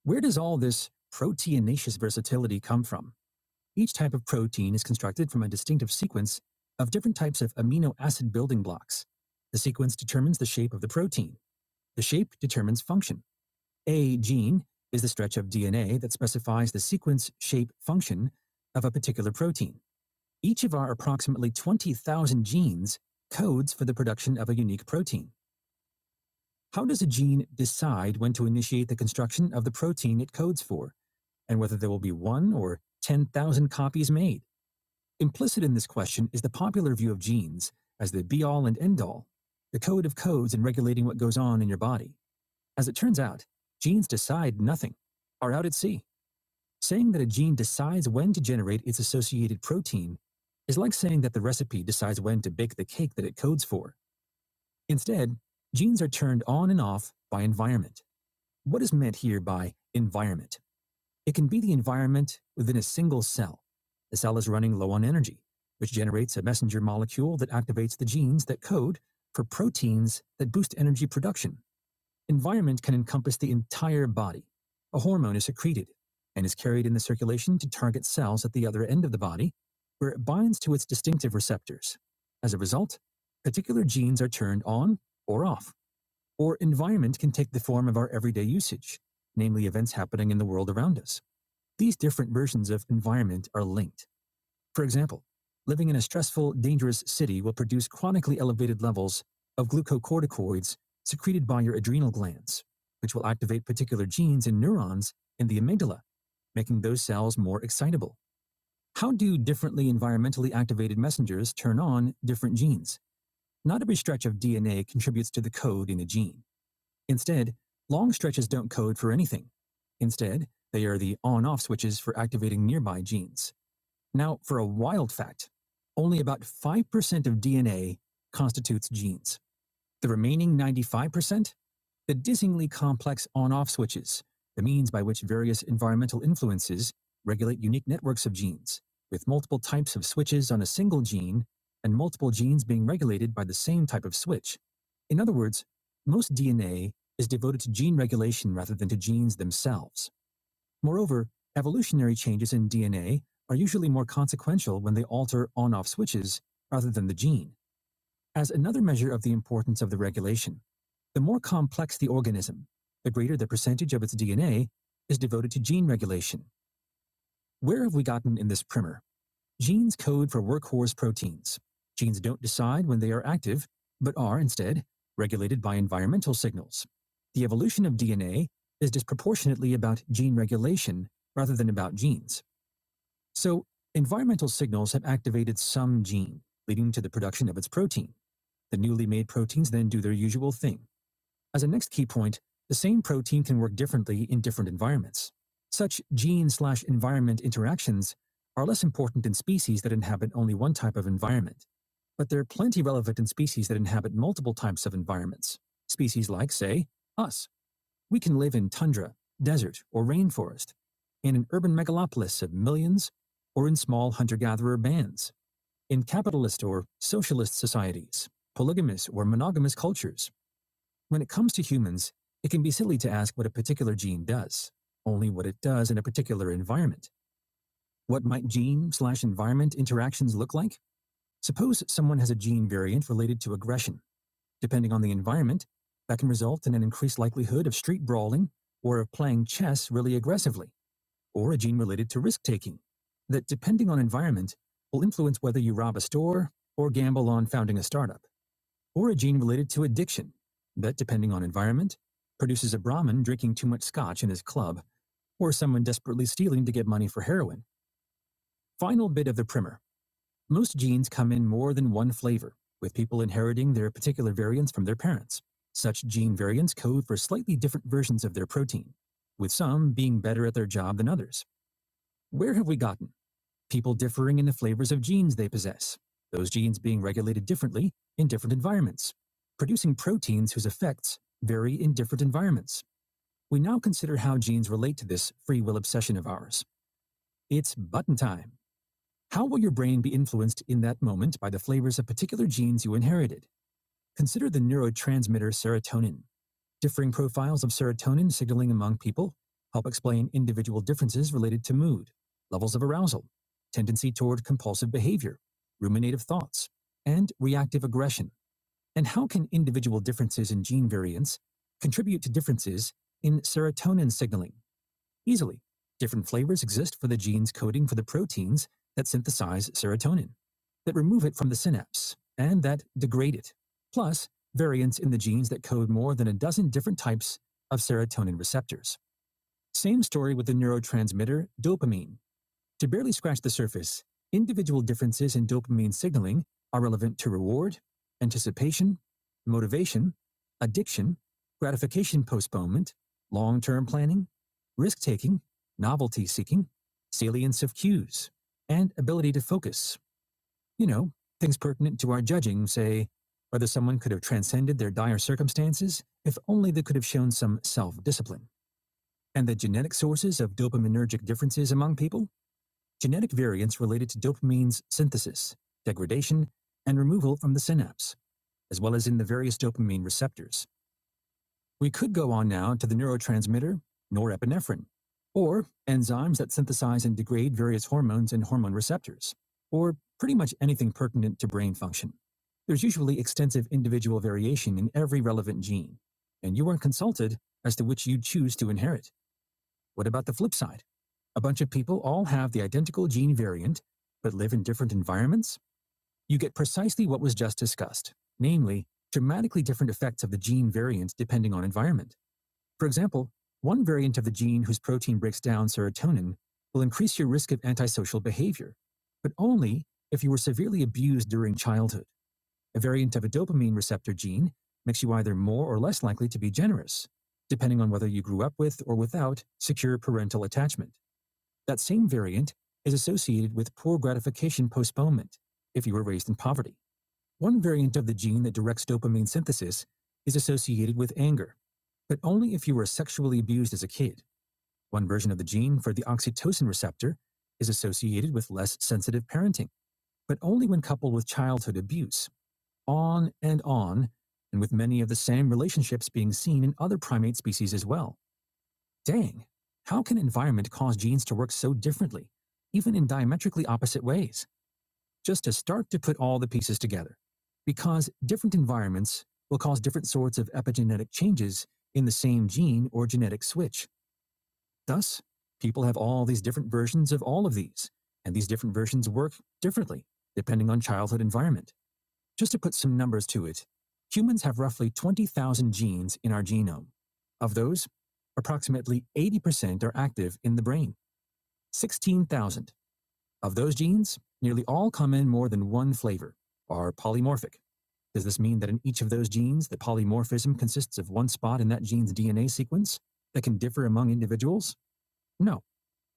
Where does all this proteinaceous versatility come from? Each type of protein is constructed from a distinctive sequence of different types of amino acid building blocks. The sequence determines the shape of the protein. The shape determines function. A gene is the stretch of DNA that specifies the sequence, shape, function of a particular protein. Each of our approximately 20,000 genes codes for the production of a unique protein. How does a gene decide when to initiate the construction of the protein it codes for, and whether there will be one or 10,000 copies made? Implicit in this question is the popular view of genes as the be all and end all, the code of codes in regulating what goes on in your body. As it turns out, genes decide nothing, are out at sea. Saying that a gene decides when to generate its associated protein is like saying that the recipe decides when to bake the cake that it codes for. Instead, genes are turned on and off by environment. What is meant here by environment? It can be the environment within a single cell. The cell is running low on energy, which generates a messenger molecule that activates the genes that code for proteins that boost energy production. Environment can encompass the entire body. A hormone is secreted and is carried in the circulation to target cells at the other end of the body, where it binds to its distinctive receptors. As a result, particular genes are turned on or off, or environment can take the form of our everyday usage, namely events happening in the world around us. These different versions of environment are linked. For example, living in a stressful, dangerous city will produce chronically elevated levels of glucocorticoids secreted by your adrenal glands, which will activate particular genes in neurons in the amygdala, making those cells more excitable. How do differently environmentally activated messengers turn on different genes? Not every stretch of DNA contributes to the code in a gene. Instead, long stretches don't code for anything. Instead, they are the on-off switches for activating nearby genes. Now, for a wild fact, only about 5% of DNA constitutes genes. The remaining 95%? The dizzyingly complex on off switches, the means by which various environmental influences regulate unique networks of genes, with multiple types of switches on a single gene and multiple genes being regulated by the same type of switch. In other words, most DNA is devoted to gene regulation rather than to genes themselves. Moreover, evolutionary changes in DNA are usually more consequential when they alter on off switches rather than the gene. As another measure of the importance of the regulation, the more complex the organism, the greater the percentage of its DNA is devoted to gene regulation. Where have we gotten in this primer? Genes code for workhorse proteins. Genes don't decide when they are active, but are instead regulated by environmental signals. The evolution of DNA is disproportionately about gene regulation rather than about genes. So, environmental signals have activated some gene, leading to the production of its protein. The newly made proteins then do their usual thing. As a next key point, the same protein can work differently in different environments. Such gene slash environment interactions are less important in species that inhabit only one type of environment, but they're plenty relevant in species that inhabit multiple types of environments. Species like, say, us. We can live in tundra, desert, or rainforest, in an urban megalopolis of millions, or in small hunter gatherer bands. In capitalist or socialist societies, polygamous or monogamous cultures, when it comes to humans, it can be silly to ask what a particular gene does, only what it does in a particular environment. What might gene slash environment interactions look like? Suppose someone has a gene variant related to aggression. Depending on the environment, that can result in an increased likelihood of street brawling or of playing chess really aggressively or a gene related to risk taking that, depending on environment, will influence whether you rob a store or gamble on founding a startup, or a gene related to addiction that, depending on environment, produces a Brahmin drinking too much scotch in his club or someone desperately stealing to get money for heroin. Final bit of the primer most genes come in more than one flavor, with people inheriting their particular variants from their parents. Such gene variants code for slightly different versions of their protein, with some being better at their job than others. Where have we gotten? people differing in the flavors of genes they possess, those genes being regulated differently in different environments, producing proteins whose effects vary in different environments. We now consider how genes relate to this free will obsession of ours. It's button time. How will your brain be influenced in that moment by the flavors of particular genes you inherited? Consider the neurotransmitter serotonin. Differing profiles of serotonin signaling among people help explain individual differences related to mood, levels of arousal, tendency toward compulsive behavior, ruminative thoughts, and reactive aggression. And how can individual differences in gene variants contribute to differences in serotonin signaling? easily. Different flavors exist for the genes coding for the proteins that synthesize serotonin, that remove it from the synapse, and that degrade it. Plus, variants in the genes that code more than a dozen different types of serotonin receptors. Same story with the neurotransmitter dopamine. To barely scratch the surface, individual differences in dopamine signaling are relevant to reward, anticipation, motivation, addiction, gratification postponement, long term planning, risk taking, novelty seeking, salience of cues, and ability to focus. You know, things pertinent to our judging, say, whether someone could have transcended their dire circumstances if only they could have shown some self discipline. And the genetic sources of dopaminergic differences among people genetic variants related to dopamine's synthesis, degradation, and removal from the synapse, as well as in the various dopamine receptors. We could go on now to the neurotransmitter norepinephrine, or enzymes that synthesize and degrade various hormones and hormone receptors, or pretty much anything pertinent to brain function. There's usually extensive individual variation in every relevant gene, and you are consulted as to which you choose to inherit. What about the flip side? A bunch of people all have the identical gene variant, but live in different environments? You get precisely what was just discussed, namely, dramatically different effects of the gene variant depending on environment. For example, one variant of the gene whose protein breaks down serotonin will increase your risk of antisocial behavior, but only if you were severely abused during childhood. A variant of a dopamine receptor gene makes you either more or less likely to be generous, depending on whether you grew up with or without secure parental attachment. That same variant is associated with poor gratification postponement if you were raised in poverty. One variant of the gene that directs dopamine synthesis is associated with anger, but only if you were sexually abused as a kid. One version of the gene for the oxytocin receptor is associated with less sensitive parenting, but only when coupled with childhood abuse. On and on, and with many of the same relationships being seen in other primate species as well. Dang, how can environment cause genes to work so differently, even in diametrically opposite ways? Just to start to put all the pieces together. Because different environments will cause different sorts of epigenetic changes in the same gene or genetic switch. Thus, people have all these different versions of all of these, and these different versions work differently depending on childhood environment. Just to put some numbers to it, humans have roughly 20,000 genes in our genome. Of those, approximately 80% are active in the brain. 16,000. Of those genes, nearly all come in more than one flavor, are polymorphic. Does this mean that in each of those genes, the polymorphism consists of one spot in that gene's DNA sequence that can differ among individuals? No.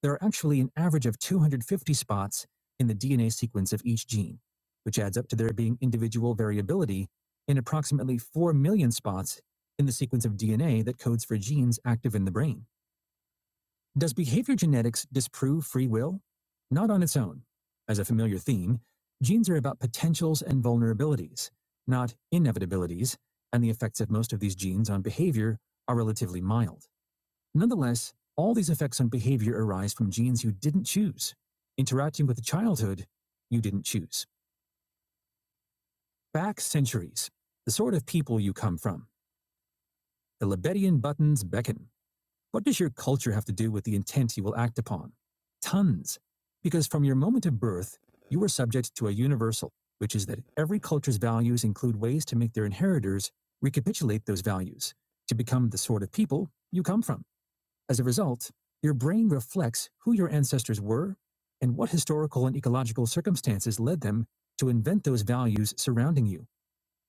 There are actually an average of 250 spots in the DNA sequence of each gene, which adds up to there being individual variability in approximately 4 million spots in the sequence of DNA that codes for genes active in the brain. Does behavior genetics disprove free will? Not on its own. As a familiar theme, genes are about potentials and vulnerabilities, not inevitabilities, and the effects of most of these genes on behavior are relatively mild. Nonetheless, all these effects on behavior arise from genes you didn't choose, interacting with a childhood you didn't choose. Back centuries, the sort of people you come from, the Lebedian buttons beckon. What does your culture have to do with the intent you will act upon? Tons. Because from your moment of birth, you are subject to a universal, which is that every culture's values include ways to make their inheritors recapitulate those values to become the sort of people you come from. As a result, your brain reflects who your ancestors were and what historical and ecological circumstances led them to invent those values surrounding you.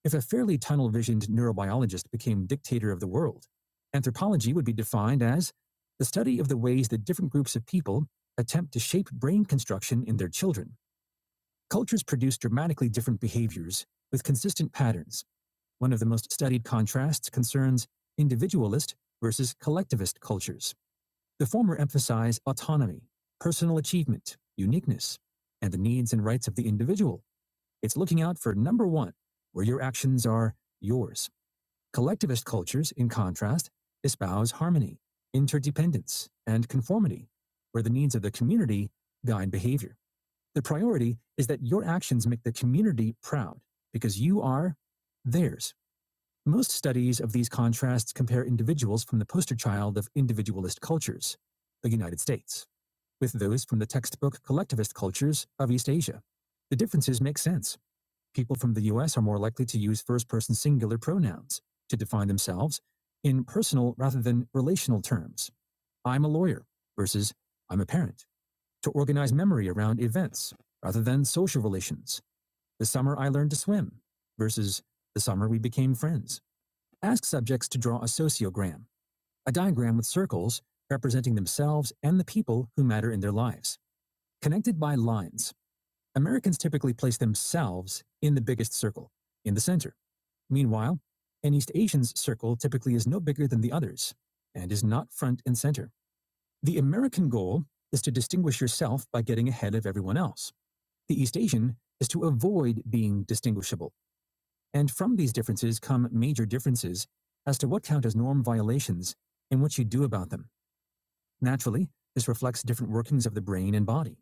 If a fairly tunnel visioned neurobiologist became dictator of the world, anthropology would be defined as the study of the ways that different groups of people attempt to shape brain construction in their children. Cultures produce dramatically different behaviors with consistent patterns. One of the most studied contrasts concerns individualist versus collectivist cultures. The former emphasize autonomy, personal achievement, uniqueness, and the needs and rights of the individual. It's looking out for number one, where your actions are yours. Collectivist cultures, in contrast, espouse harmony, interdependence, and conformity, where the needs of the community guide behavior. The priority is that your actions make the community proud because you are theirs. Most studies of these contrasts compare individuals from the poster child of individualist cultures, the United States, with those from the textbook collectivist cultures of East Asia. The differences make sense. People from the US are more likely to use first person singular pronouns to define themselves in personal rather than relational terms. I'm a lawyer versus I'm a parent, to organize memory around events rather than social relations. The summer I learned to swim versus the summer we became friends. Ask subjects to draw a sociogram, a diagram with circles representing themselves and the people who matter in their lives. Connected by lines, Americans typically place themselves in the biggest circle, in the center. Meanwhile, an East Asian's circle typically is no bigger than the others and is not front and center. The American goal is to distinguish yourself by getting ahead of everyone else. The East Asian is to avoid being distinguishable and from these differences come major differences as to what count as norm violations and what you do about them. Naturally, this reflects different workings of the brain and body.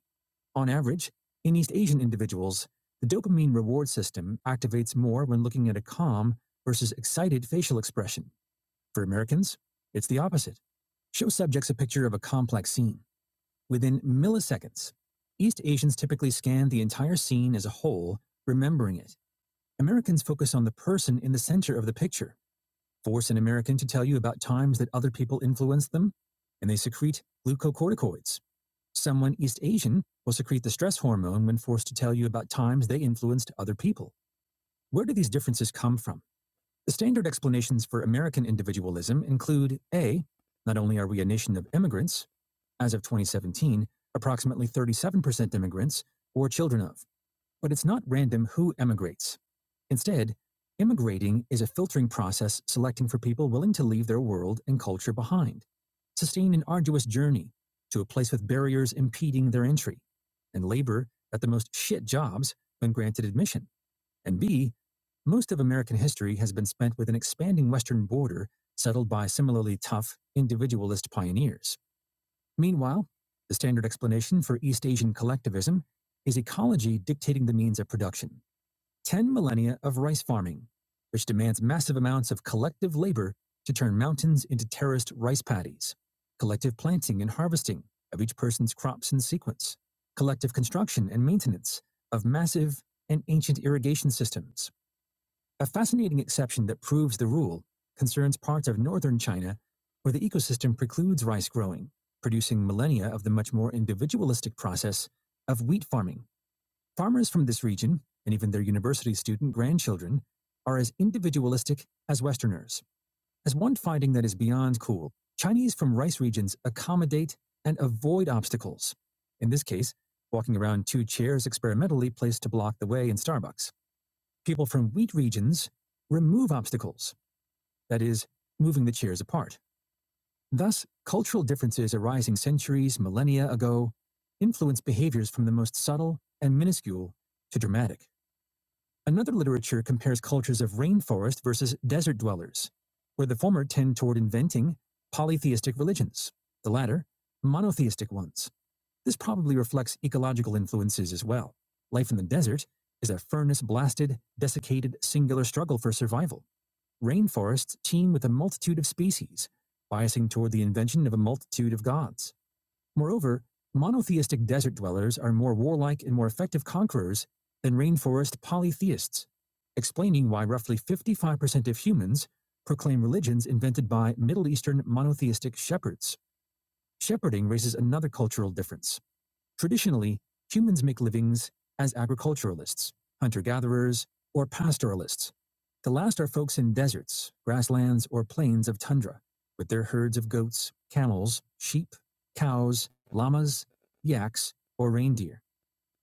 On average, in East Asian individuals, the dopamine reward system activates more when looking at a calm versus excited facial expression. For Americans, it's the opposite. Show subjects a picture of a complex scene. Within milliseconds, East Asians typically scan the entire scene as a whole, remembering it. Americans focus on the person in the center of the picture Force an American to tell you about times that other people influenced them, and they secrete glucocorticoids. Someone East Asian will secrete the stress hormone when forced to tell you about times they influenced other people. Where do these differences come from? The standard explanations for American individualism include A. Not only are we a nation of immigrants, as of 2017, approximately 37% immigrants or children of. But it's not random who emigrates. Instead, immigrating is a filtering process selecting for people willing to leave their world and culture behind, sustain an arduous journey to a place with barriers impeding their entry, and labor at the most shit jobs when granted admission. And B, most of American history has been spent with an expanding Western border settled by similarly tough, individualist pioneers. Meanwhile, the standard explanation for East Asian collectivism is ecology dictating the means of production. 10 millennia of rice farming, which demands massive amounts of collective labor to turn mountains into terraced rice paddies, collective planting and harvesting of each person's crops in sequence, collective construction and maintenance of massive and ancient irrigation systems, a fascinating exception that proves the rule concerns parts of northern China where the ecosystem precludes rice growing, producing millennia of the much more individualistic process of wheat farming. Farmers from this region, and even their university student grandchildren, are as individualistic as Westerners. As one finding that is beyond cool, Chinese from rice regions accommodate and avoid obstacles. In this case, walking around two chairs experimentally placed to block the way in Starbucks. People from wheat regions remove obstacles, that is, moving the chairs apart. Thus, cultural differences arising centuries, millennia ago, influence behaviors from the most subtle and minuscule to dramatic. Another literature compares cultures of rainforest versus desert dwellers, where the former tend toward inventing polytheistic religions, the latter, monotheistic ones. This probably reflects ecological influences as well. Life in the desert is a furnace blasted, desiccated, singular struggle for survival. Rainforests teem with a multitude of species, biasing toward the invention of a multitude of gods. Moreover, monotheistic desert dwellers are more warlike and more effective conquerors than rainforest polytheists, explaining why roughly 55% of humans proclaim religions invented by Middle Eastern monotheistic shepherds. Shepherding raises another cultural difference. Traditionally, humans make livings as agriculturalists, hunter gatherers, or pastoralists. The last are folks in deserts, grasslands, or plains of tundra, with their herds of goats, camels, sheep, cows, llamas, yaks, or reindeer.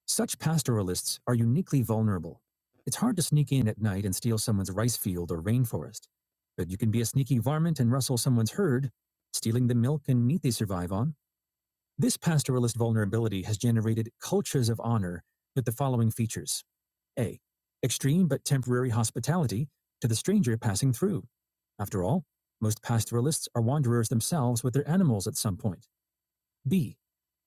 Such pastoralists are uniquely vulnerable. It's hard to sneak in at night and steal someone's rice field or rainforest, but you can be a sneaky varmint and rustle someone's herd, stealing the milk and meat they survive on this pastoralist vulnerability has generated cultures of honor with the following features A. Extreme but temporary hospitality to the stranger passing through. After all, most pastoralists are wanderers themselves with their animals at some point. B.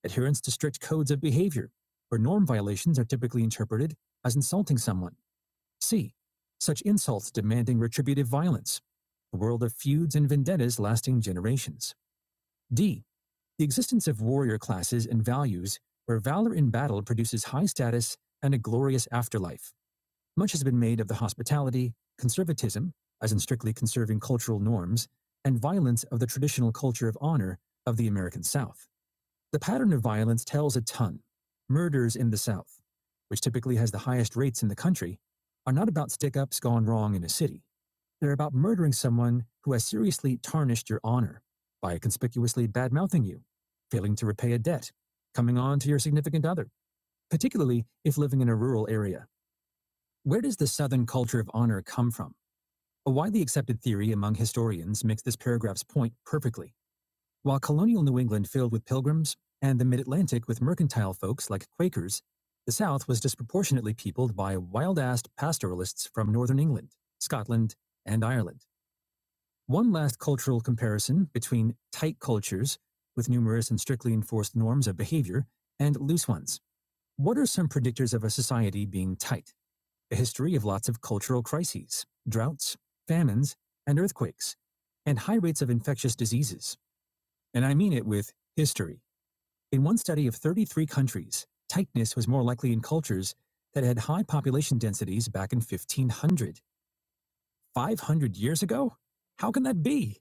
Adherence to strict codes of behavior, where norm violations are typically interpreted as insulting someone. C. Such insults demanding retributive violence, a world of feuds and vendettas lasting generations. D the existence of warrior classes and values where valor in battle produces high status and a glorious afterlife. Much has been made of the hospitality, conservatism, as in strictly conserving cultural norms, and violence of the traditional culture of honor of the American South. The pattern of violence tells a ton. Murders in the South, which typically has the highest rates in the country, are not about stick ups gone wrong in a city. They're about murdering someone who has seriously tarnished your honor by conspicuously bad mouthing you, failing to repay a debt, coming on to your significant other, particularly if living in a rural area. Where does the Southern culture of honor come from? A widely accepted theory among historians makes this paragraph's point perfectly. While colonial New England filled with pilgrims and the mid Atlantic with mercantile folks like Quakers, the South was disproportionately peopled by wild assed pastoralists from Northern England, Scotland, and Ireland. One last cultural comparison between tight cultures with numerous and strictly enforced norms of behavior and loose ones. What are some predictors of a society being tight? A history of lots of cultural crises, droughts, famines, and earthquakes, and high rates of infectious diseases. And I mean it with history. In one study of 33 countries, tightness was more likely in cultures that had high population densities back in 1500. 500 years ago? How can that be?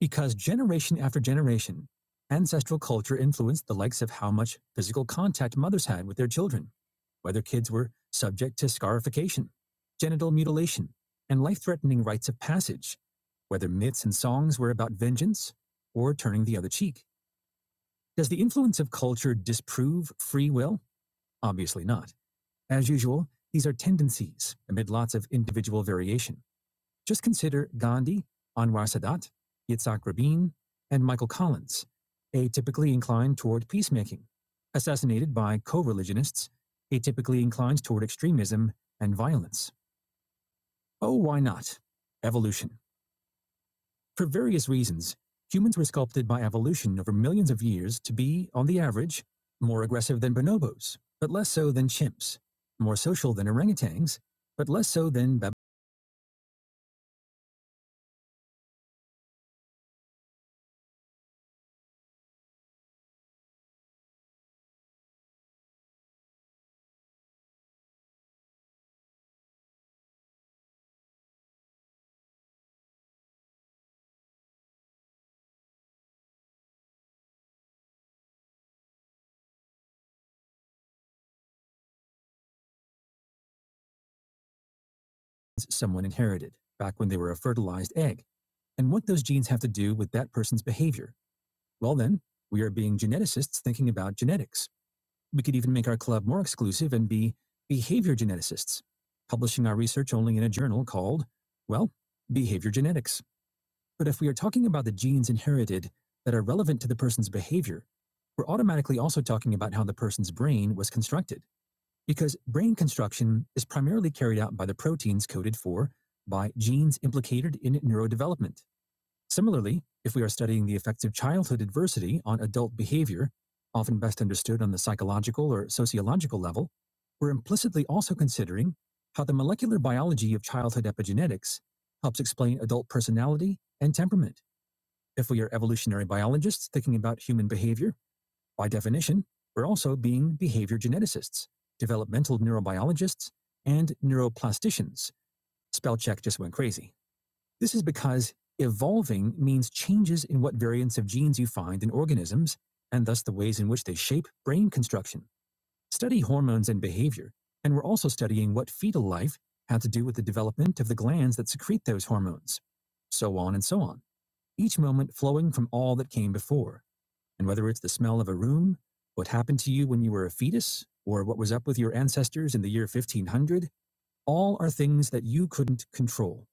Because generation after generation, ancestral culture influenced the likes of how much physical contact mothers had with their children, whether kids were subject to scarification, genital mutilation, and life threatening rites of passage, whether myths and songs were about vengeance or turning the other cheek. Does the influence of culture disprove free will? Obviously not. As usual, these are tendencies amid lots of individual variation. Just consider Gandhi, Anwar Sadat, Yitzhak Rabin, and Michael Collins, atypically inclined toward peacemaking, assassinated by co religionists, atypically inclined toward extremism and violence. Oh, why not? Evolution. For various reasons, humans were sculpted by evolution over millions of years to be, on the average, more aggressive than bonobos, but less so than chimps, more social than orangutans, but less so than baboons someone inherited back when they were a fertilized egg. And what those genes have to do with that person's behavior? Well, then, we are being geneticists thinking about genetics. We could even make our club more exclusive and be behavior geneticists, publishing our research only in a journal called, well, Behavior Genetics. But if we are talking about the genes inherited that are relevant to the person's behavior, we're automatically also talking about how the person's brain was constructed. Because brain construction is primarily carried out by the proteins coded for by genes implicated in neurodevelopment. Similarly, if we are studying the effects of childhood adversity on adult behavior, often best understood on the psychological or sociological level, we're implicitly also considering how the molecular biology of childhood epigenetics helps explain adult personality and temperament. If we are evolutionary biologists thinking about human behavior, by definition, we're also being behavior geneticists, developmental neurobiologists, and neuroplasticians. Spellcheck just went crazy. This is because evolving means changes in what variants of genes you find in organisms, and thus the ways in which they shape brain construction. Study hormones and behavior, and we're also studying what fetal life had to do with the development of the glands that secrete those hormones, so on and so on each moment flowing from all that came before. And whether it's the smell of a room, what happened to you when you were a fetus, or what was up with your ancestors in the year 1500, all are things that you couldn't control.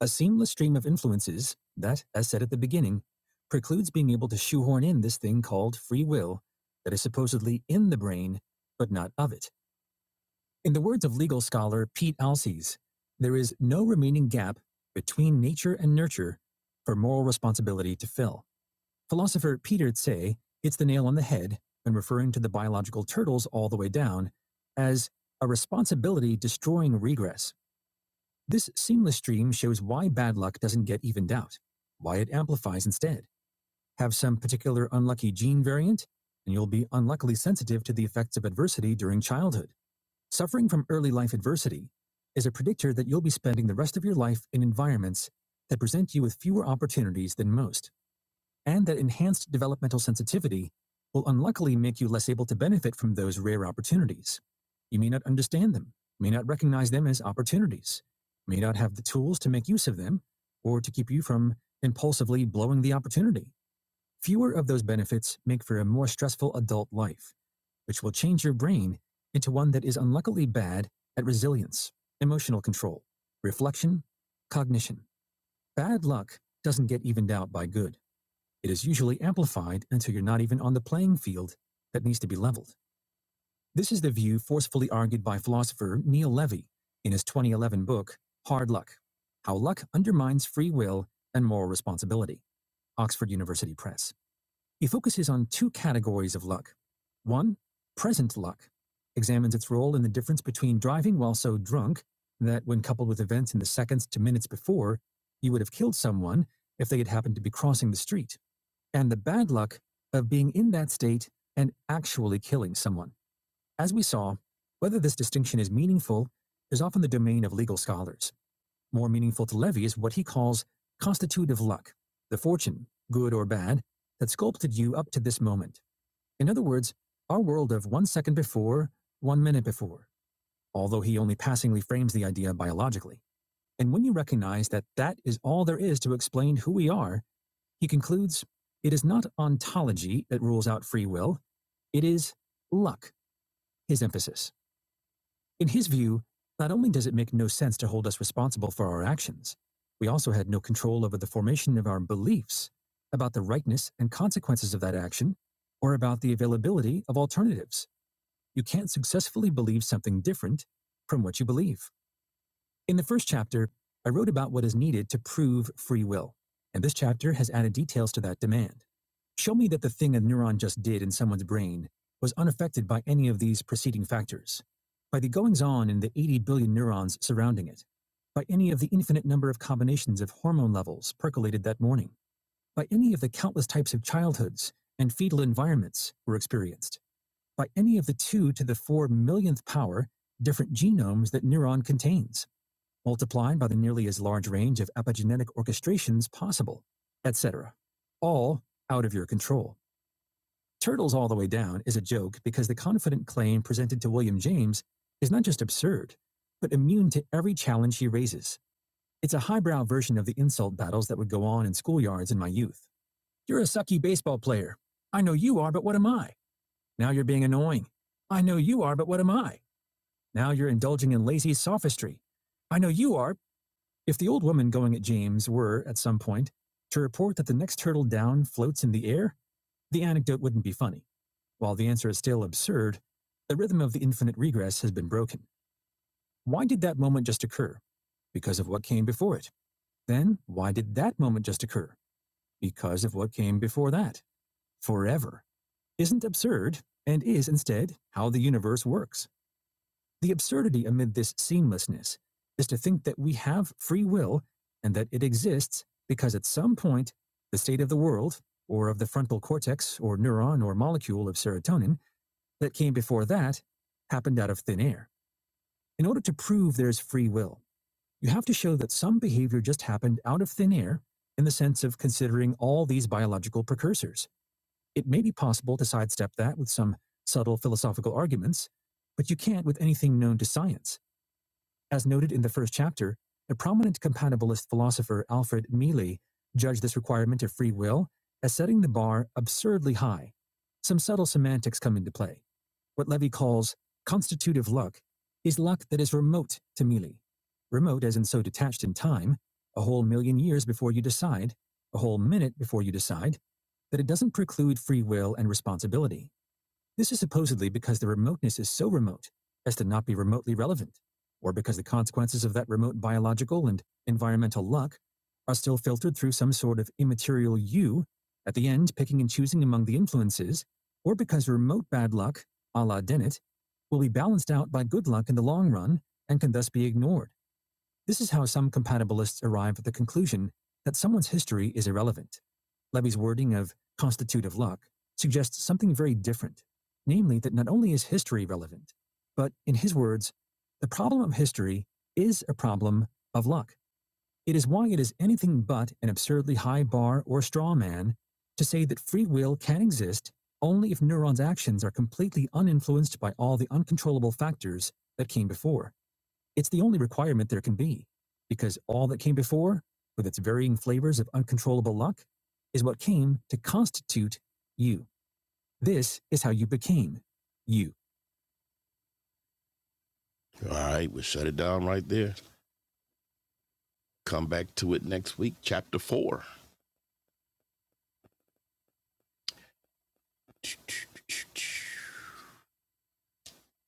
A seamless stream of influences that, as said at the beginning, precludes being able to shoehorn in this thing called free will that is supposedly in the brain, but not of it. In the words of legal scholar Pete Alces, there is no remaining gap between nature and nurture for moral responsibility to fill. Philosopher Peter Tse hits the nail on the head when referring to the biological turtles all the way down as a responsibility destroying regress. This seamless stream shows why bad luck doesn't get evened out, why it amplifies instead. Have some particular unlucky gene variant, and you'll be unluckily sensitive to the effects of adversity during childhood. Suffering from early life adversity is a predictor that you'll be spending the rest of your life in environments that present you with fewer opportunities than most and that enhanced developmental sensitivity will unluckily make you less able to benefit from those rare opportunities. You may not understand them, may not recognize them as opportunities, may not have the tools to make use of them, or to keep you from impulsively blowing the opportunity. Fewer of those benefits make for a more stressful adult life, which will change your brain into one that is unluckily bad at resilience, emotional control, reflection, cognition. Bad luck doesn't get evened out by good. It is usually amplified until you're not even on the playing field that needs to be leveled. This is the view forcefully argued by philosopher Neil Levy in his 2011 book, Hard Luck How Luck Undermines Free Will and Moral Responsibility, Oxford University Press. He focuses on two categories of luck. One, present luck, examines its role in the difference between driving while so drunk that when coupled with events in the seconds to minutes before, you would have killed someone if they had happened to be crossing the street and the bad luck of being in that state and actually killing someone. As we saw, whether this distinction is meaningful is often the domain of legal scholars. More meaningful to Levy is what he calls constitutive luck, the fortune, good or bad, that sculpted you up to this moment. In other words, our world of one second before, one minute before, although he only passingly frames the idea biologically. And when you recognize that that is all there is to explain who we are, he concludes it is not ontology that rules out free will, it is luck, his emphasis. In his view, not only does it make no sense to hold us responsible for our actions, we also had no control over the formation of our beliefs about the rightness and consequences of that action or about the availability of alternatives. You can't successfully believe something different from what you believe. In the first chapter, I wrote about what is needed to prove free will, and this chapter has added details to that demand. Show me that the thing a neuron just did in someone's brain was unaffected by any of these preceding factors, by the goings on in the 80 billion neurons surrounding it, by any of the infinite number of combinations of hormone levels percolated that morning, by any of the countless types of childhoods and fetal environments were experienced, by any of the 2 to the 4 millionth power different genomes that neuron contains multiplied by the nearly as large range of epigenetic orchestrations possible, etc. All out of your control. Turtles All the Way Down is a joke because the confident claim presented to William James is not just absurd, but immune to every challenge he raises. It's a highbrow version of the insult battles that would go on in schoolyards in my youth. You're a sucky baseball player. I know you are, but what am I? Now you're being annoying. I know you are, but what am I? Now you're indulging in lazy sophistry. I know you are, if the old woman going at James were, at some point, to report that the next turtle down floats in the air, the anecdote wouldn't be funny. While the answer is still absurd, the rhythm of the infinite regress has been broken. Why did that moment just occur? Because of what came before it. Then, why did that moment just occur? Because of what came before that. Forever. Isn't absurd, and is instead how the universe works. The absurdity amid this seamlessness is to think that we have free will and that it exists because at some point the state of the world, or of the frontal cortex, or neuron, or molecule of serotonin that came before that happened out of thin air. In order to prove there's free will, you have to show that some behavior just happened out of thin air in the sense of considering all these biological precursors. It may be possible to sidestep that with some subtle philosophical arguments, but you can't with anything known to science. As noted in the first chapter, the prominent compatibilist philosopher Alfred Mealy judged this requirement of free will as setting the bar absurdly high. Some subtle semantics come into play. What Levy calls constitutive luck is luck that is remote to Mealy. Remote as in so detached in time, a whole million years before you decide, a whole minute before you decide, that it doesn't preclude free will and responsibility. This is supposedly because the remoteness is so remote as to not be remotely relevant, or because the consequences of that remote biological and environmental luck are still filtered through some sort of immaterial you, at the end picking and choosing among the influences, or because remote bad luck, a la Dennett, will be balanced out by good luck in the long run and can thus be ignored. This is how some compatibilists arrive at the conclusion that someone's history is irrelevant. Levy's wording of constitutive luck suggests something very different, namely that not only is history relevant, but in his words, the problem of history is a problem of luck. It is why it is anything but an absurdly high bar or straw man to say that free will can exist only if neurons' actions are completely uninfluenced by all the uncontrollable factors that came before. It's the only requirement there can be, because all that came before, with its varying flavors of uncontrollable luck, is what came to constitute you. This is how you became you. All right, we'll shut it down right there. Come back to it next week, chapter four.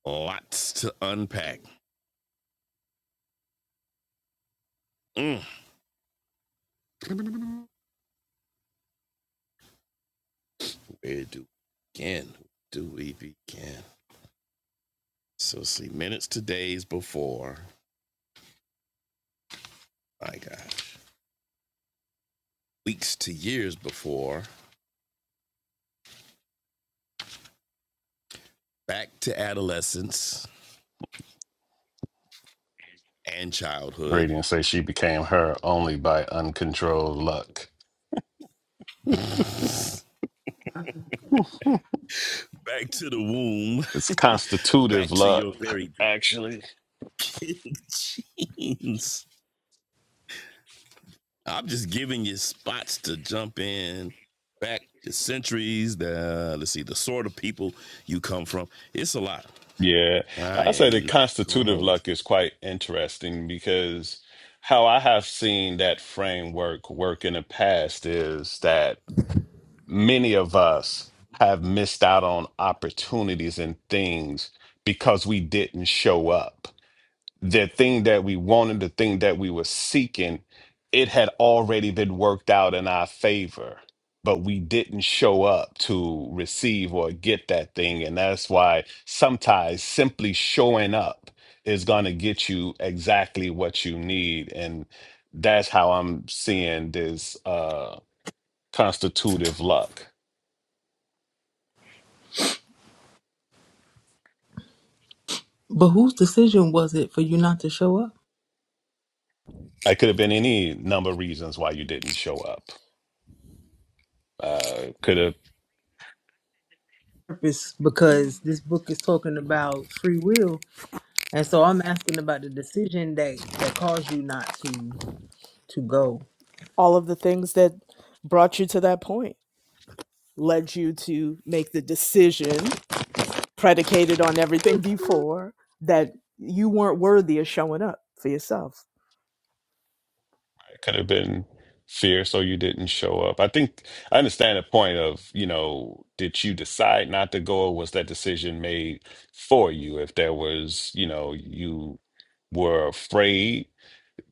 Lots to unpack. Mm. Where do we begin? Where Do we begin? So see, minutes to days before. My God, weeks to years before. back to adolescence and childhood,
Radiant say she became her only by uncontrolled luck.
back to the womb,
It's constitutive
back to
luck.
your very
I-
beginnings. I'm just giving you spots to jump in, back to centuries, the let's see, the sort of people you come from. It's a lot.
yeah,
I
I say
am
the
not gonna
constitutive
hold.
luck is quite interesting because how I have seen that framework work in the past is that many of us have missed out on opportunities and things because we didn't show up the thing that we wanted, the thing that we were seeking, it had already been worked out in our favor, but we didn't show up to receive or get that thing. And that's why sometimes simply showing up is going to get you exactly what you need. And that's how I'm seeing this uh, constitutive luck.
But whose decision was it for you not to show up?
It could have been any number of reasons why you didn't show up. Uh, could have
Purpose,
Mm.
because this book is talking about free will, and so I'm asking about the decision that that caused you not to to go.
all of the things that brought you to that point led you to make the decision predicated on everything before that you weren't worthy of showing up for yourself
could have been fear so you didn't show up i think i understand the point of you know did you decide not to go or was that decision made for you if there was you know you were afraid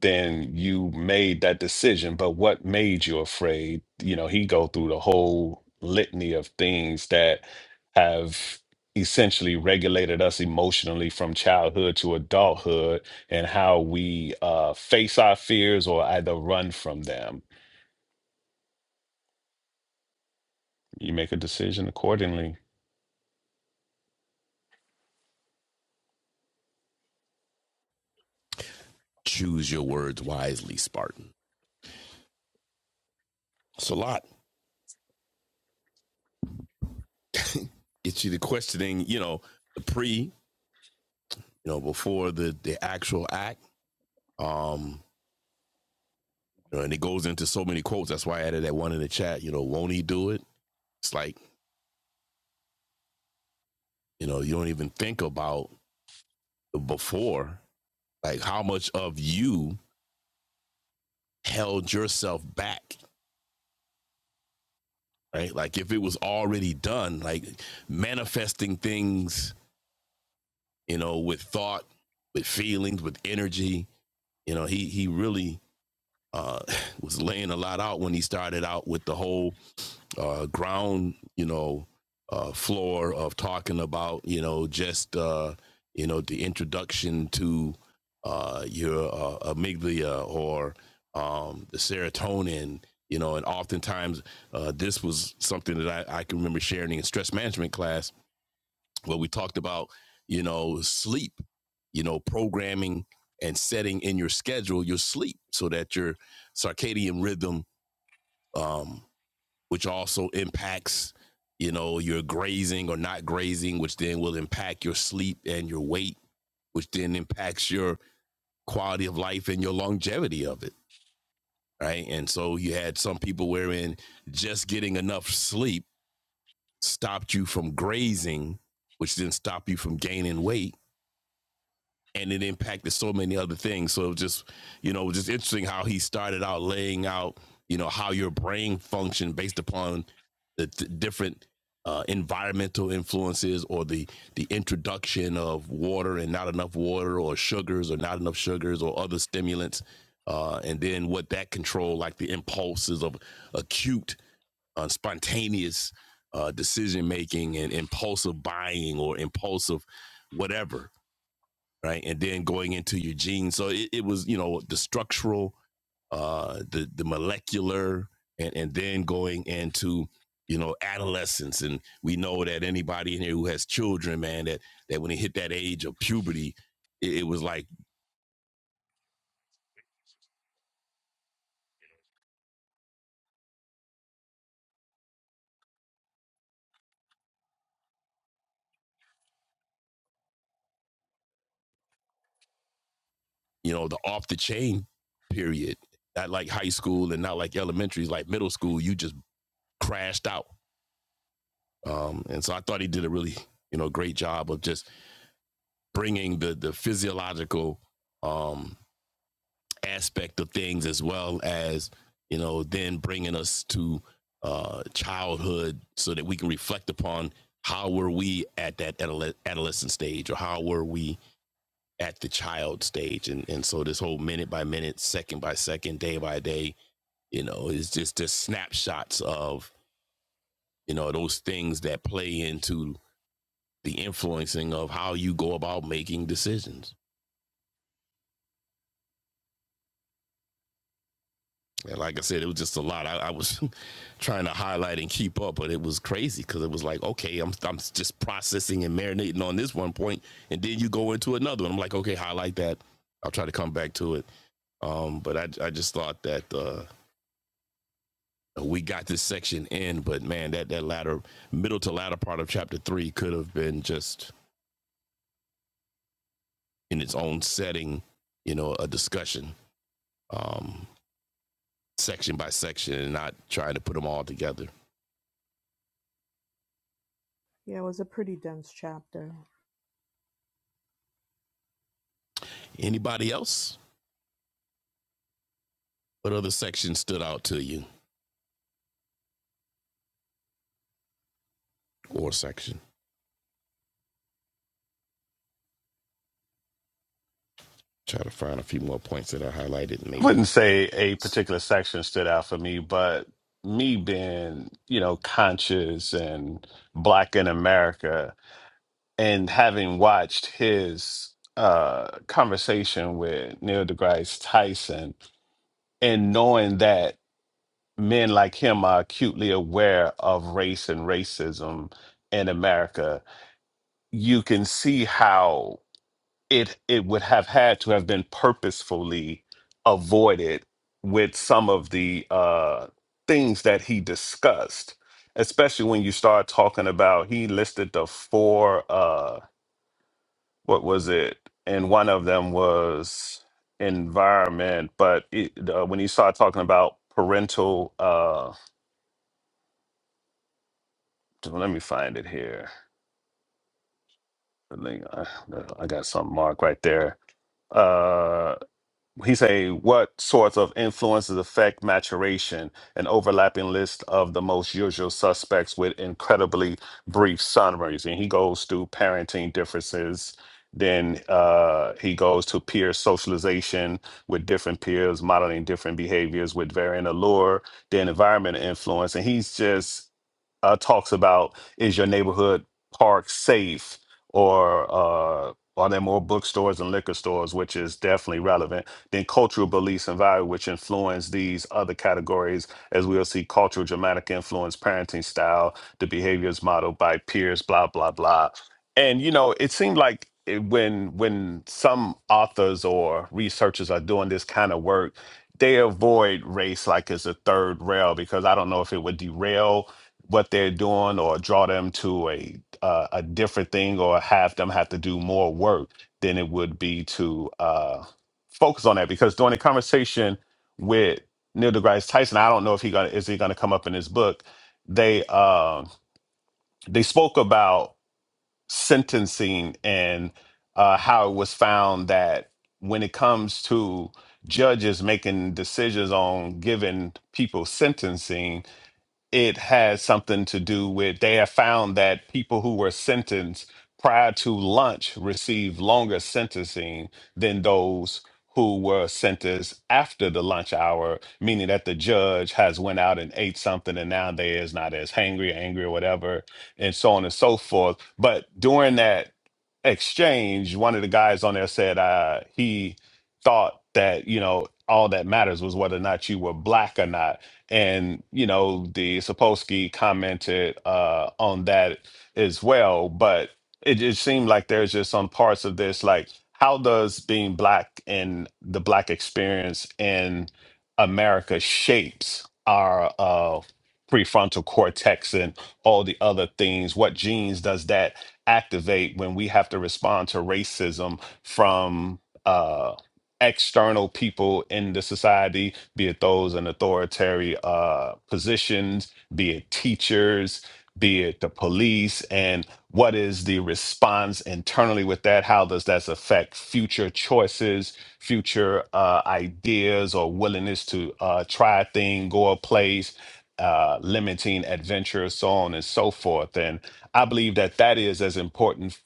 then you made that decision but what made you afraid you know he go through the whole litany of things that have essentially regulated us emotionally from childhood to adulthood and how we uh, face our fears or either run from them you make a decision accordingly
Choose your words wisely, Spartan. It's a lot. It's you the questioning, you know, the pre, you know, before the the actual act. Um, You know, and it goes into so many quotes. That's why I added that one in the chat. You know, won't he do it? It's like you know, you don't even think about before, like how much of you held yourself back, right? Like if it was already done, like manifesting things, you know, with thought, with feelings, with energy. You know, he he really uh, was laying a lot out when he started out with the whole uh, ground, you know, uh, floor of talking about, you know, just, uh, you know, the introduction to uh, your uh, amygdala or um, the serotonin, you know, and oftentimes uh, this was something that I, I can remember sharing in stress management class where we talked about, you know, sleep, you know, programming and setting in your schedule your sleep so that your circadian rhythm um, which also impacts you know your grazing or not grazing which then will impact your sleep and your weight which then impacts your quality of life and your longevity of it right and so you had some people wherein just getting enough sleep stopped you from grazing which then stopped you from gaining weight and it impacted so many other things. So it just, you know, just interesting how he started out laying out, you know, how your brain function based upon the th- different uh, environmental influences or the the introduction of water and not enough water or sugars or not enough sugars or other stimulants, uh, and then what that control like the impulses of acute, uh, spontaneous uh, decision making and impulsive buying or impulsive whatever right? And then going into your genes. So it, it was, you know, the structural, uh, the the molecular, and and then going into you know adolescence. And we know that anybody in here who has children, man, that that when they hit that age of puberty, it, it was like you know the off the chain period. Not like high school and not like elementary, like middle school. You just crashed out. Um, and so I thought he did a really you know great job of just bringing the the physiological um aspect of things, as well as you know, then bringing us to uh, childhood, so that we can reflect upon how were we at that adole- adolescent stage, or how were we at the child stage, and and so this whole minute by minute, second by second, day by day, you know, is just just snapshots of you know those things that play into the influencing of how you go about making decisions. And like I said, it was just a lot. I, I was trying to highlight and keep up, but it was crazy because it was like, okay, I'm I'm just processing and marinating on this one point, and then you go into another one. I'm like, okay, highlight that. I'll try to come back to it. Um, but I I just thought that uh, we got this section in, but man, that that latter middle to latter part of chapter three could have been just in its own setting, you know, a discussion, um, section by section, and not trying to put them all together.
yeah it was a pretty dense chapter
Anybody else? What other section stood out to you? Or section. Try to find a few more points that I highlighted.
i
Maybe
wouldn't say a particular section stood out for me but me being you know conscious and black in america and having watched his uh, conversation with Neil deGrasse Tyson, and knowing that men like him are acutely aware of race and racism in America, you can see how it it would have had to have been purposefully avoided with some of the uh, things that he discussed, especially when you start talking about he listed the four. Uh, what was it? And one of them was environment. But it, uh, when you start talking about parental, uh, let me find it here. I think I, I got something marked right there. Uh, he say what sorts of influences affect maturation an overlapping list of the most usual suspects with incredibly brief summaries and he goes through parenting differences then uh, he goes to peer socialization with different peers modeling different behaviors with varying allure then environment influence and he's just uh, talks about is your neighborhood park safe or uh, are there more bookstores and liquor stores which is definitely relevant then cultural beliefs and value, which influence these other categories, as we'll see cultural dramatic influence, parenting style, the behaviors modeled by peers, blah, blah, blah. And, you know, it seemed like it, when when some authors or researchers are doing this kind of work, they avoid race like it's a third rail because I don't know if it would derail what they're doing or draw them to a uh, a different thing or have them have to do more work than it would be to uh, focus on that because during the conversation with Neil deGrasse Tyson, I don't know if he gonna is he gonna come up in his book. They um they spoke about sentencing and uh, how it was found that when it comes to judges making decisions on giving people sentencing, it has something to do with they have found that people who were sentenced prior to lunch received longer sentencing than those who were sentenced after the lunch hour meaning that the judge has went out and ate something and now they is not as hangry angry or whatever and so on and so forth but during that exchange one of the guys on there said uh, he thought that you know all that matters was whether or not you were black or not and, you know, the Sapolsky commented uh, on that as well. But it just seemed like there's just some parts of this, like, how does being Black and the Black experience in America shapes our uh, prefrontal cortex and all the other things? What genes does that activate when we have to respond to racism from uh, external people in the society? be it those in authoritarian uh, positions, be it teachers, be it the police, and what is the response internally with that? How does that affect future choices, future uh, ideas, or willingness to uh, try a thing, go a place? Uh, limiting adventure, so on and so forth. And I believe that that is as important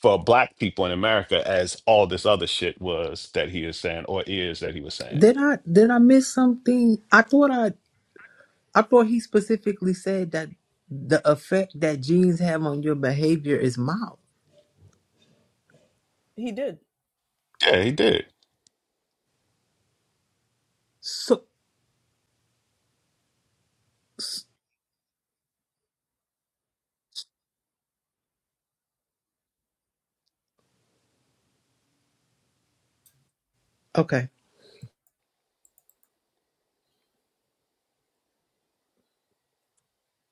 for Black people in America as all this other shit was that he is saying or is that he was saying.
Did I did I miss something? I thought I I thought he specifically said that the effect that genes have on your behavior is mild.
he did
Yeah, he did.
So okay.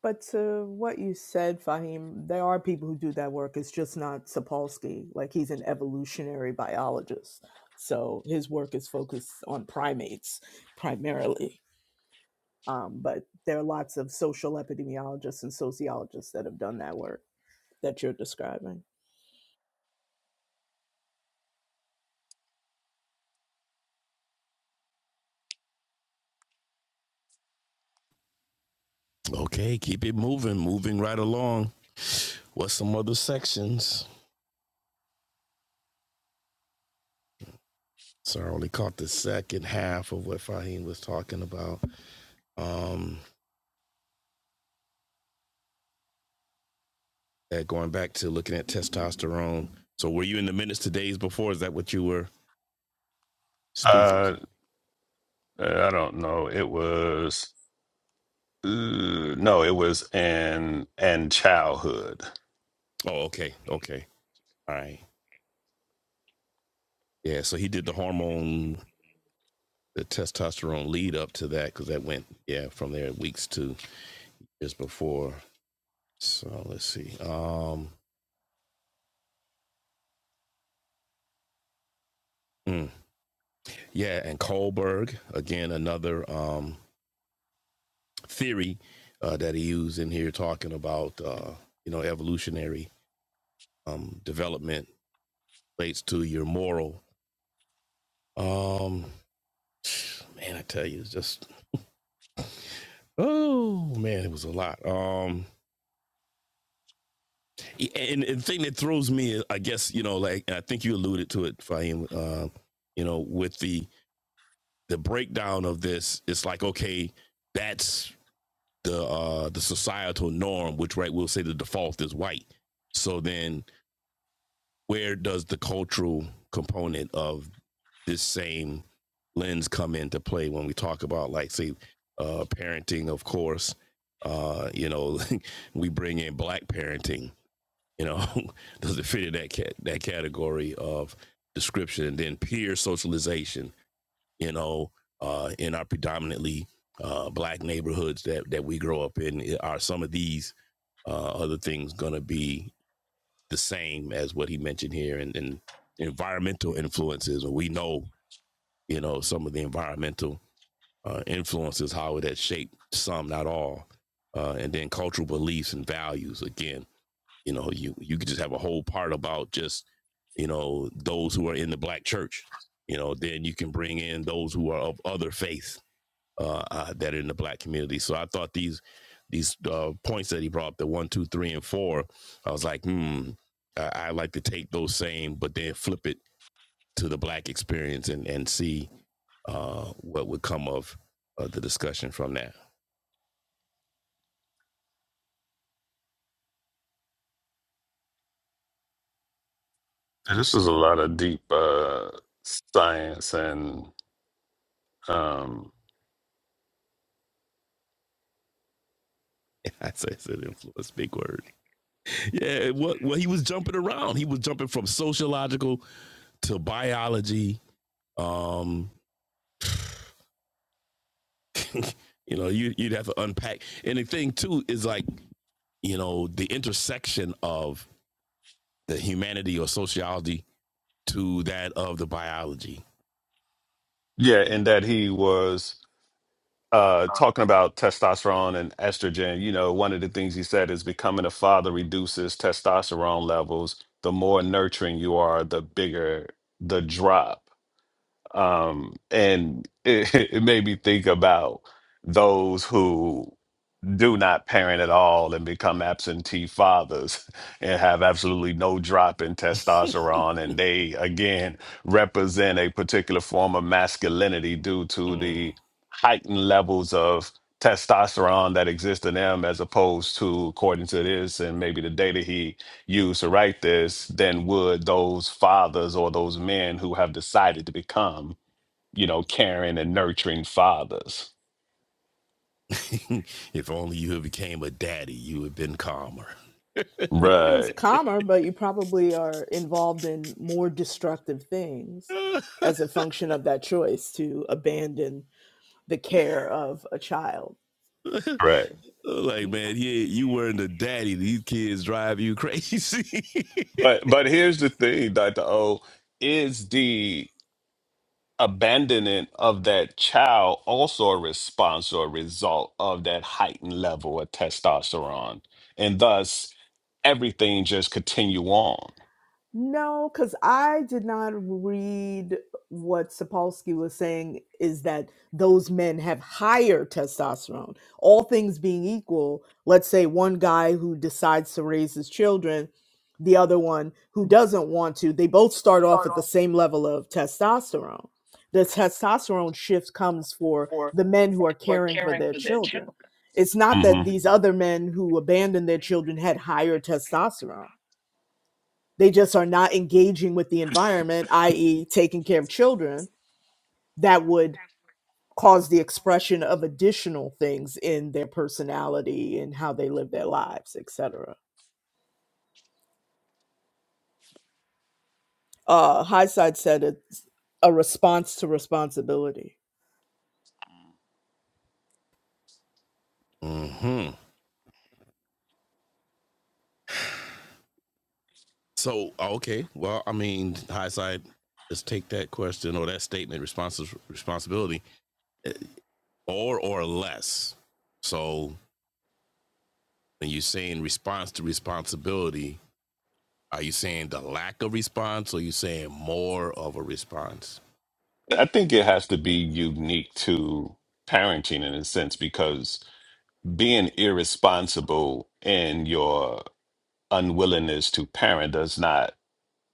But to what you said, Fahim, there are people who do that work. It's just not Sapolsky. Like he's an evolutionary biologist. So his work is focused on primates primarily. Um, but there are lots of social epidemiologists and sociologists that have done that work that you're describing.
Okay, keep it moving, moving right along. What's some other sections? So I only caught the second half of what Fahim was talking about. Um, that going back to looking at testosterone. So were you in the minutes to days before? Is that what you were Speaking
Uh,
to
I don't know. It was uh, no, it was in and childhood.
Oh, okay. Okay. All right. Yeah. So he did the hormone, the testosterone lead up to that because that went yeah from there weeks to years before. So let's see. Um, mm, yeah, and Kohlberg again, another um, theory uh, that he used in here talking about uh, you know evolutionary um, development relates to your moral. Um, man, I tell you, it's just oh man, it was a lot. Um, and, and the thing that throws me, I guess you know, like and I think you alluded to it, Fahim. Uh, you know, with the the breakdown of this, it's like okay, that's the uh the societal norm, which right we'll say the default is white. So then where does the cultural component of this same lens come into play when we talk about like say uh parenting of course uh you know we bring in black parenting you know does it fit in that cat that category of description and then peer socialization you know, uh, in our predominantly uh, black neighborhoods that that we grow up in, are some of these uh, other things going to be the same as what he mentioned here, and, and environmental influences? Or we know, you know, some of the environmental uh, influences how it has shaped some, not all, uh, and then cultural beliefs and values. Again, you know, you you could just have a whole part about just you know those who are in the black church. You know, then you can bring in those who are of other faiths uh, uh, that are in the black community. So I thought these these uh, points that he brought up, the one, two, three, and four, I was like, hmm, I, I like to take those same, but then flip it to the black experience and and see uh, what would come of uh, the discussion from that.
And
let
This was a lot of deep uh science and um
I said it's an influence, big word. Yeah, what well, he was jumping around. He was jumping from sociological to biology. Um, you know, you you'd have to unpack. And the thing too is like, you know, the intersection of the humanity or sociology to that of the biology.
yeah, in that he was uh talking about testosterone and estrogen. You know, one of the things he said is becoming a father reduces testosterone levels. The more nurturing you are, the bigger the drop um, and it, it made me think about those who do not parent at all and become absentee fathers and have absolutely no drop in testosterone and they again represent a particular form of masculinity due to
Mm.
the heightened levels of testosterone that exist in them as opposed to according to this and maybe the data he used to write this than would those fathers or those men who have decided to become, you know, caring and nurturing fathers.
if only you had became a daddy, you would have been calmer.
Uh, It's
Right,
calmer, but you probably are involved in more destructive things as a function of that choice to abandon the care of a child.
right.
like, man, yeah, you weren't a daddy. These kids drive you crazy.
But but here's the thing, Dr. O, is the abandonment of that child also a response or a result of that heightened level of testosterone? And thus everything just continue on.
No, because I did not read what Sapolsky was saying is that those men have higher testosterone. All things being equal, let's say one guy who decides to raise his children, the other one who doesn't want to, they both start off at the same level of testosterone. The testosterone shift comes for the men who are caring for their children. It's not
hmm
that these other men who abandoned their children had higher testosterone they just are not engaging with the environment, i.e., taking care of children, that would cause the expression of additional things in their personality and how they live their lives, etc. Uh, Highside said it's a response to responsibility.
hmm So, okay. Well, I mean, hindsight, let's take that question or that statement, responsi- responsibility, eh, or or less. So when you're saying response to responsibility, Are you saying the lack of response or are you saying more of a response?
I think it has to be unique to parenting in a sense because being irresponsible and your unwillingness to parent does not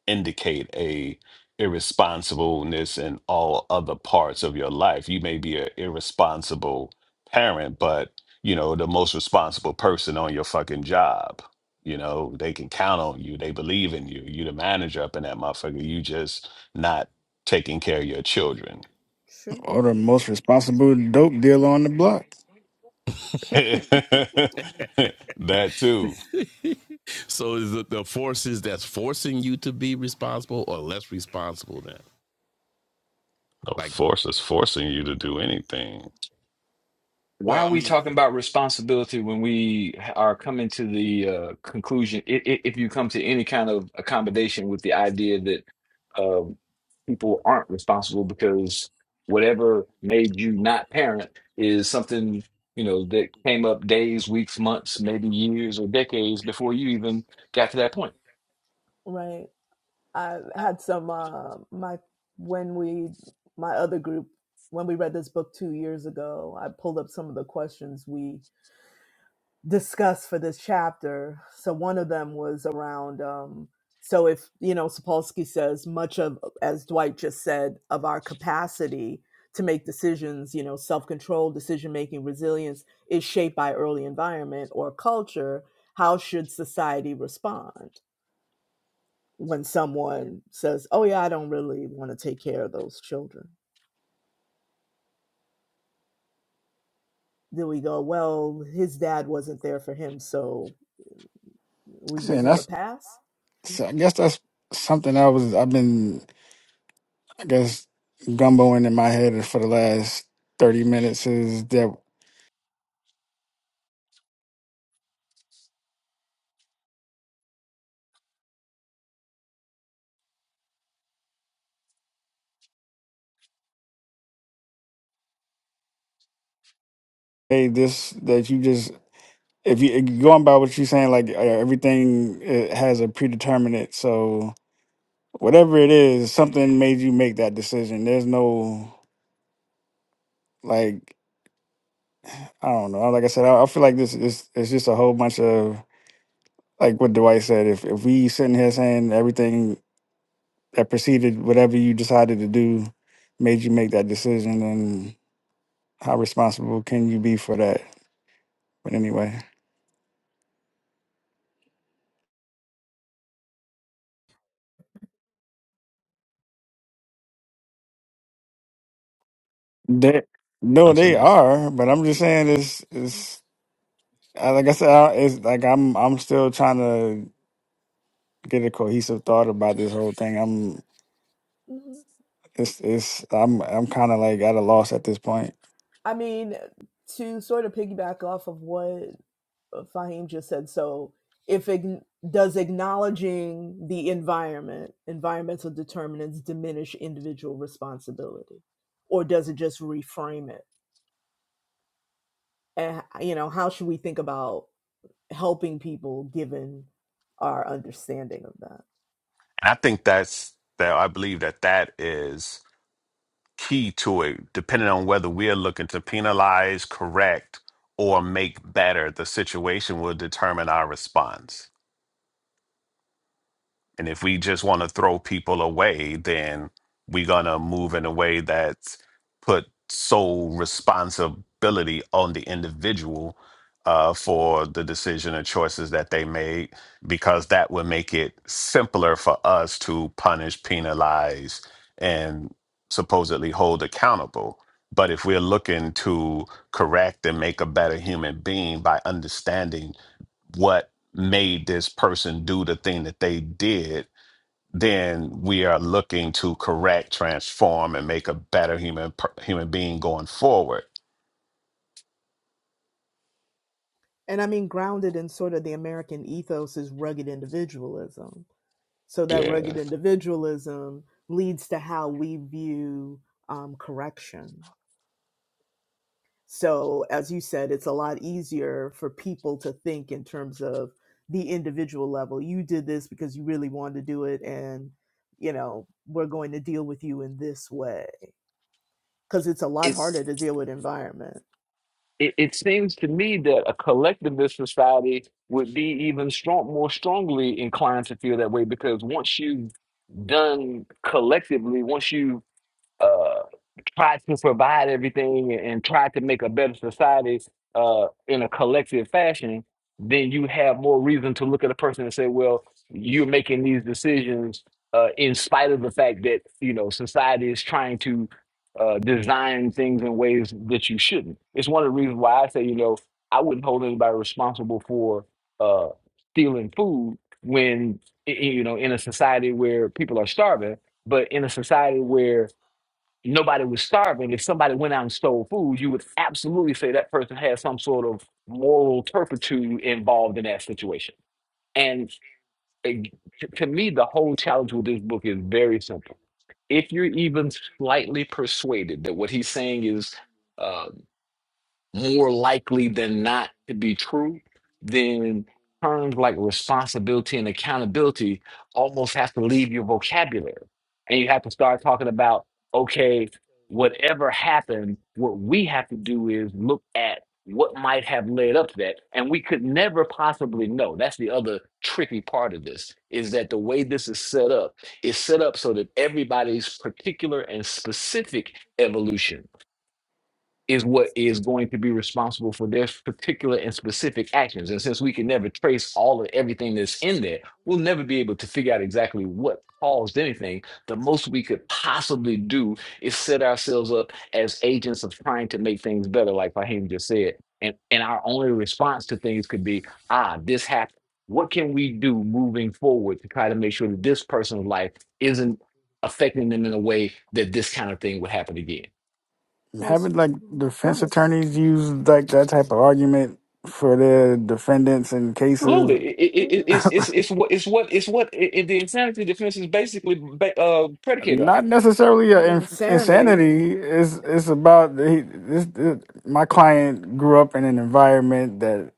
indicate a irresponsibleness in all other parts of your life. You may be an irresponsible parent, but you know, the most responsible person on your fucking job. You know, they can count on you. They believe in you. You the manager up in that motherfucker. You just not taking care of your children.
Sure.
or the most responsible dope dealer on the block.
that too.
So is it the forces that's forcing you to be responsible or less responsible then?
No
Like,
force is forcing you to do anything.
Why
well,
are
I
we
mean,
talking about responsibility when we are coming to the uh, conclusion? i i if you come to any kind of accommodation with the idea that uh, people aren't responsible because whatever made you not parent is something you know that came up days, weeks, months, maybe years or decades before you even got to that point.
Right. I had some uh, my when we my other group when we read this book two years ago. I pulled up some of the questions we discussed for this chapter. So one of them was around. Um, so if you know Sapolsky says much of as Dwight just said of our capacity to make decisions, you know, self-control, decision-making, resilience is shaped by early environment or culture. How should society respond? when someone says, "Oh yeah, I don't really want to take care of those children." Then we go, "Well, his dad wasn't there for him, so we give
And
him a
that's
pass."
so I guess that's something I was I've been I guess gumboing in my head for the last thirty minutes is that hey this that you just if you going by what you're saying like uh, everything it has a predeterminate so whatever it is something made you make that decision there's no like I don't know like I said I, I feel like this is it's just a whole bunch of like what Dwight said, if if we sit in here saying everything that preceded whatever you decided to do made you make that decision, then how responsible can you be for that? But anyway, they no, they
nonsense.
are. But I'm just saying, it's it's I- like I said, I- it's like I'm I'm still trying to get a cohesive thought about this whole thing. I'm
Mhm.
it's it's I'm I'm kind of like at a loss at this point.
I mean, to sort of piggyback off of what uh, Fahim just said. So, if ign does acknowledging the environment, environmental determinants, diminish individual responsibility, or does it just reframe it? And you know, how should we think about helping people given our understanding of that.
And I think that's that. I believe that that is key to it. Depending on whether we're looking to penalize, correct, or make better, the situation will determine our response. And if we just want to throw people away, then we're going to move in a way that's put sole responsibility on the individual uh, for the decision and choices that they made, because that would make it simpler for us to punish, penalize, and supposedly hold accountable. But if we're looking to correct and make a better human being by understanding what made this person do the thing that they did, then we are looking to correct, transform, and make a better human per- human being going forward.
And I mean, grounded in sort of the American ethos is rugged individualism. So that
Yeah.
rugged
That's
individualism leads to how we view um, correction. So, as you said, it's a lot easier for people to think in terms of the individual level. You did this because you really wanted to do it, and you know, we're going to deal with you in this way. Because it's a lot
It's
harder to deal with environment.
it, it seems to me that a collectivist society would be even strong, more strongly inclined to feel that way because once you've done collectively, once you uh, try to provide everything and try to make a better society uh, in a collective fashion, then you have more reason to look at a person and say, well, you're making these decisions uh, in spite of the fact that, you know, society is trying to uh, design things in ways that you shouldn't. It's one of the reasons why I say, you know, I wouldn't hold anybody responsible for uh, stealing food when, i- i- you know, in a society where people are starving, but in a society where nobody was starving, if somebody went out and stole food, you would absolutely say that person has some sort of moral turpitude involved in that situation. And uh, to to me, the whole challenge with this book is very simple. If you're even slightly persuaded that what he's saying is uh, more likely than not to be true, then terms like responsibility and accountability almost have to leave your vocabulary. And you have to start talking about, okay, whatever happened, what we have to do is look at what might have led up to that. And we could never possibly know. That's the other tricky part of this is that the way this is set up is set up so that everybody's particular and specific evolution is what is going to be responsible for their particular and specific actions. And since we can never trace all of everything that's in there, we'll never be able to figure out exactly what caused anything. The most we could possibly do is set ourselves up as agents of trying to make things better, like Fahim just said. And and our only response to things could be, ah, this happened. What can we do moving forward to try to make sure that this person's life isn't affecting them in a way that this kind of thing would happen again?
Well, sup-
haven't like
go
defense
ahead.
attorneys used like that type of argument for their defendants in cases
Absolutely, it, it, it,
hmm
it's it's it's what it's what it's what it, it- the insanity defense is basically ba- uh, predicated on.
not necessarily
The
a in-
insanity.
insanity it's it's about he, this, this my client grew up in an environment that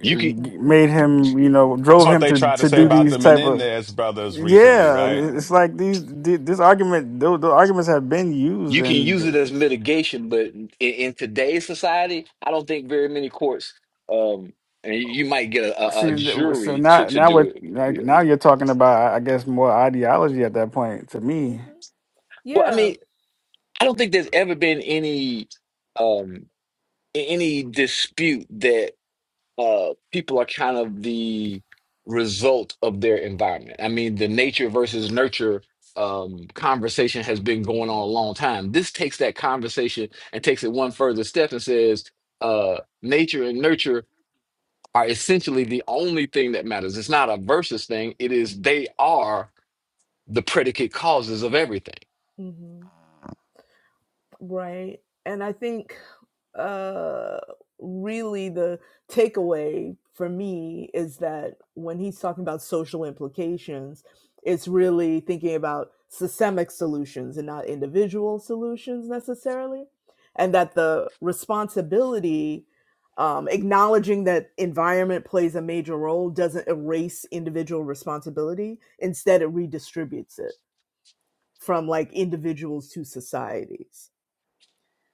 You can
Mm, mm,
made him
mm.
you know drove
what
him
Yeah.
they
to
tried to
to
say
do
Yeah.
about
these
the
type of
Menendez brothers recently,
yeah
right?
it's
Oh.
like these th- this argument those, those arguments have been used
you can use it as
and
mitigation, but in, in today's society, I don't think very many courts. Um, and you you might get a, a, a
See, so
jury to
now,
to
now
do
what?
it. Yeah.
Like now, you're talking about, I guess, more ideology at that point. To
hmm
me,
Well, I
Yeah.
mean, I don't think there's ever been any um a- any dispute that. uh, people are kind of the result of their environment. I mean, the nature versus nurture um, conversation has been going on
hmm
a long time. This takes that conversation and takes it one further step and says uh, nature and nurture are essentially the only thing that matters. It's not a versus thing, it is they are the predicate causes of everything.
hmm Right. And I think uh really the takeaway for me is that when he's talking about social implications, it's really thinking about systemic solutions and not individual solutions necessarily. And that the responsibility, um, acknowledging that environment plays a major role, doesn't erase individual responsibility. Instead, it redistributes it from like individuals to societies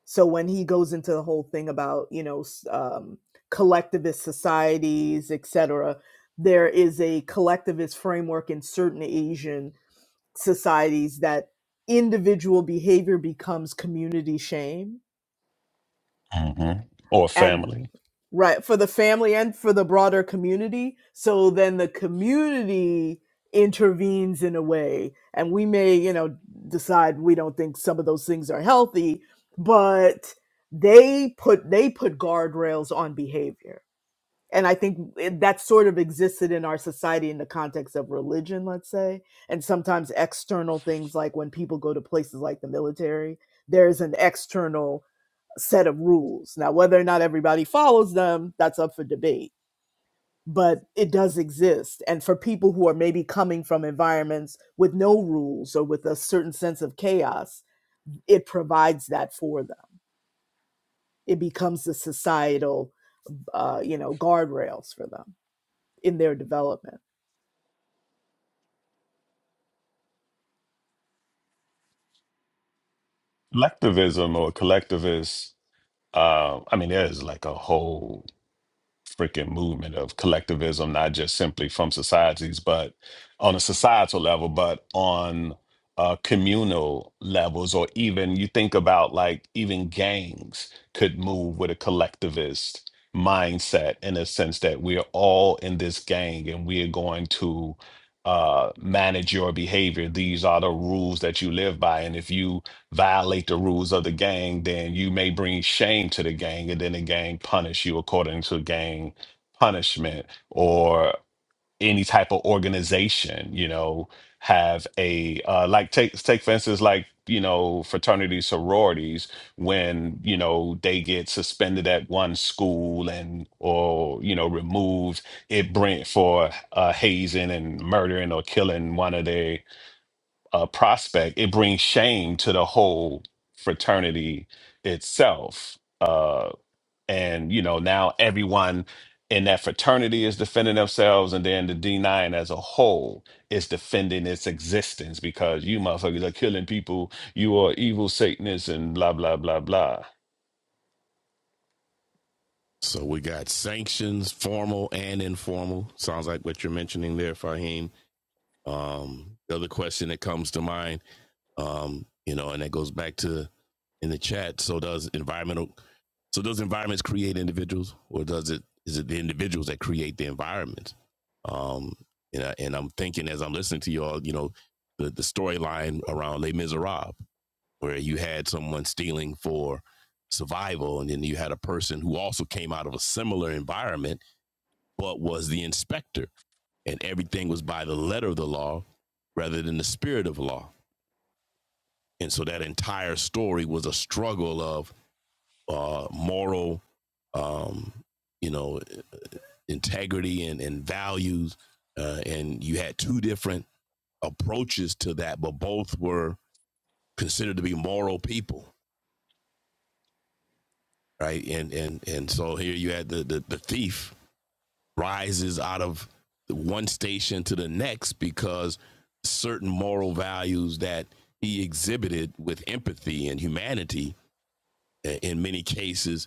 so when he goes into the whole thing about you know s- um, collectivist societies etc there is a collectivist framework in certain asian societies that individual behavior becomes community shame
hmm Or
and
family.
right for the family and for the broader community so then the community intervenes in a way and we may you know decide we don't think some of those things are healthy but they put they put guardrails on behavior and i think it- that sort of existed in our society in the context of religion let's say and sometimes external things like when people go to places like the military there's an external set of rules. Now, whether or not everybody follows them, that's up for debate, but it does exist. And for people who are maybe coming from environments with no rules or with a certain sense of chaos, it provides that for them. It becomes the societal, uh, you know, guardrails for them in their development.
Collectivism or collectivist. Uh, I mean, there's like a whole freaking movement of collectivism, not just simply from societies, but on a societal level, but on uh, communal levels, or even you think about like even gangs could move with a collectivist mindset in a sense that we're all in this gang and we are going to uh manage your behavior these are the rules that you live by and if you violate the rules of the gang, then you may bring shame to the gang, and then the gang punish you according to gang punishment or any type of organization. You know, have a uh, like take take for instance like you know fraternities, sororities when you know they get suspended at one school and or you know removed it bring for uh hazing and murdering or killing one of their uh, prospect, it brings shame to the whole fraternity itself. Uh, and you know, now everyone in that fraternity is defending themselves, and then the D9 as a whole is defending its existence because you motherfuckers are killing people, you are evil Satanists, and blah blah blah blah.
So we got sanctions, formal and informal. Sounds like what you're mentioning there, Fahim. Um, the other question that comes to mind, um, you know, and that goes back to in the chat. So does environmental, so does environments create individuals, or does it is it the individuals that create the environment? Um, and I, and I'm thinking as I'm listening to y'all, you know, the the storyline around Les Miserables where you had someone stealing for survival and then you had a person who also came out of a similar environment but was the inspector and everything was by the letter of the law rather than the spirit of the law and so that entire story was a struggle of uh, moral um, you know integrity and, and values uh, and you had two different approaches to that but both were considered to be moral people right? And and and so here you had the the, the thief rises out of one station to the next because certain moral values that he exhibited with empathy and humanity in many cases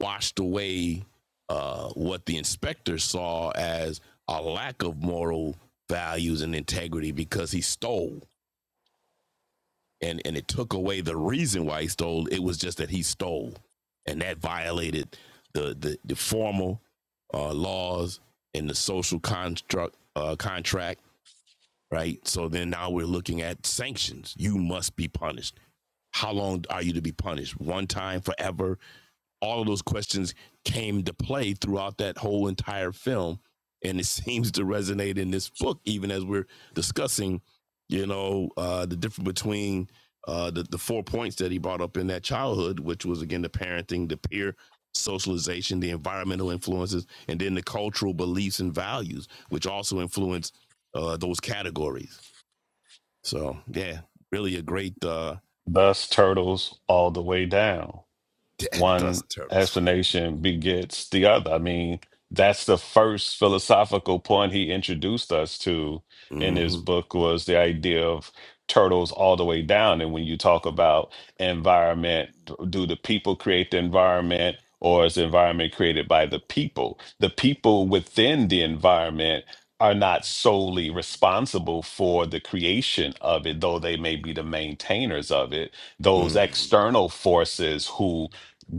washed away uh, what the inspector saw as a lack of moral values and integrity because he stole and and it took away the reason why he stole. It was just that he stole, and that violated the the, the formal uh, laws and the social construct uh, contract. Right. So then now we're looking at sanctions. You must be punished. How long are you to be punished? One time, forever, all of those questions came to play throughout that whole entire film. And it seems to resonate in this book, even as we're discussing, you know, uh, the difference between uh, the, the four points that he brought up in that childhood, which was again the parenting, the peer socialization, the environmental influences, and then the cultural beliefs and values, which also influence uh, those categories. So, yeah, really a great uh,
Thus, turtles all the way down. one
Dust Turtles.
explanation begets the other. I mean, that's the first philosophical point he introduced us to in his
hmm
book was the idea of turtles all the way down. And when you talk about environment, do the people create the environment? Or is the environment created by the people? The people within the environment are not solely responsible for the creation of it, though they may be the maintainers of it those
hmm
external forces who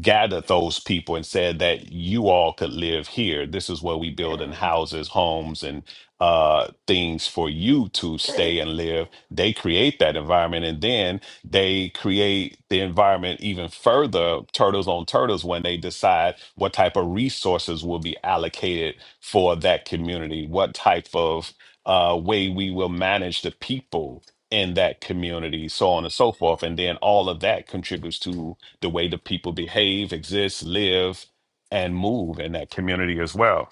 gathered those people and said that you all could live here. This is where we build in houses, homes, and uh, things for you to stay and live. They create that environment and then they create the environment even further, turtles on turtles, when they decide what type of resources will be allocated for that community, what type of uh, way we will manage the people in that community, so on and so forth. And then all of that contributes to the way the people behave, exist, live, and move in that community as well.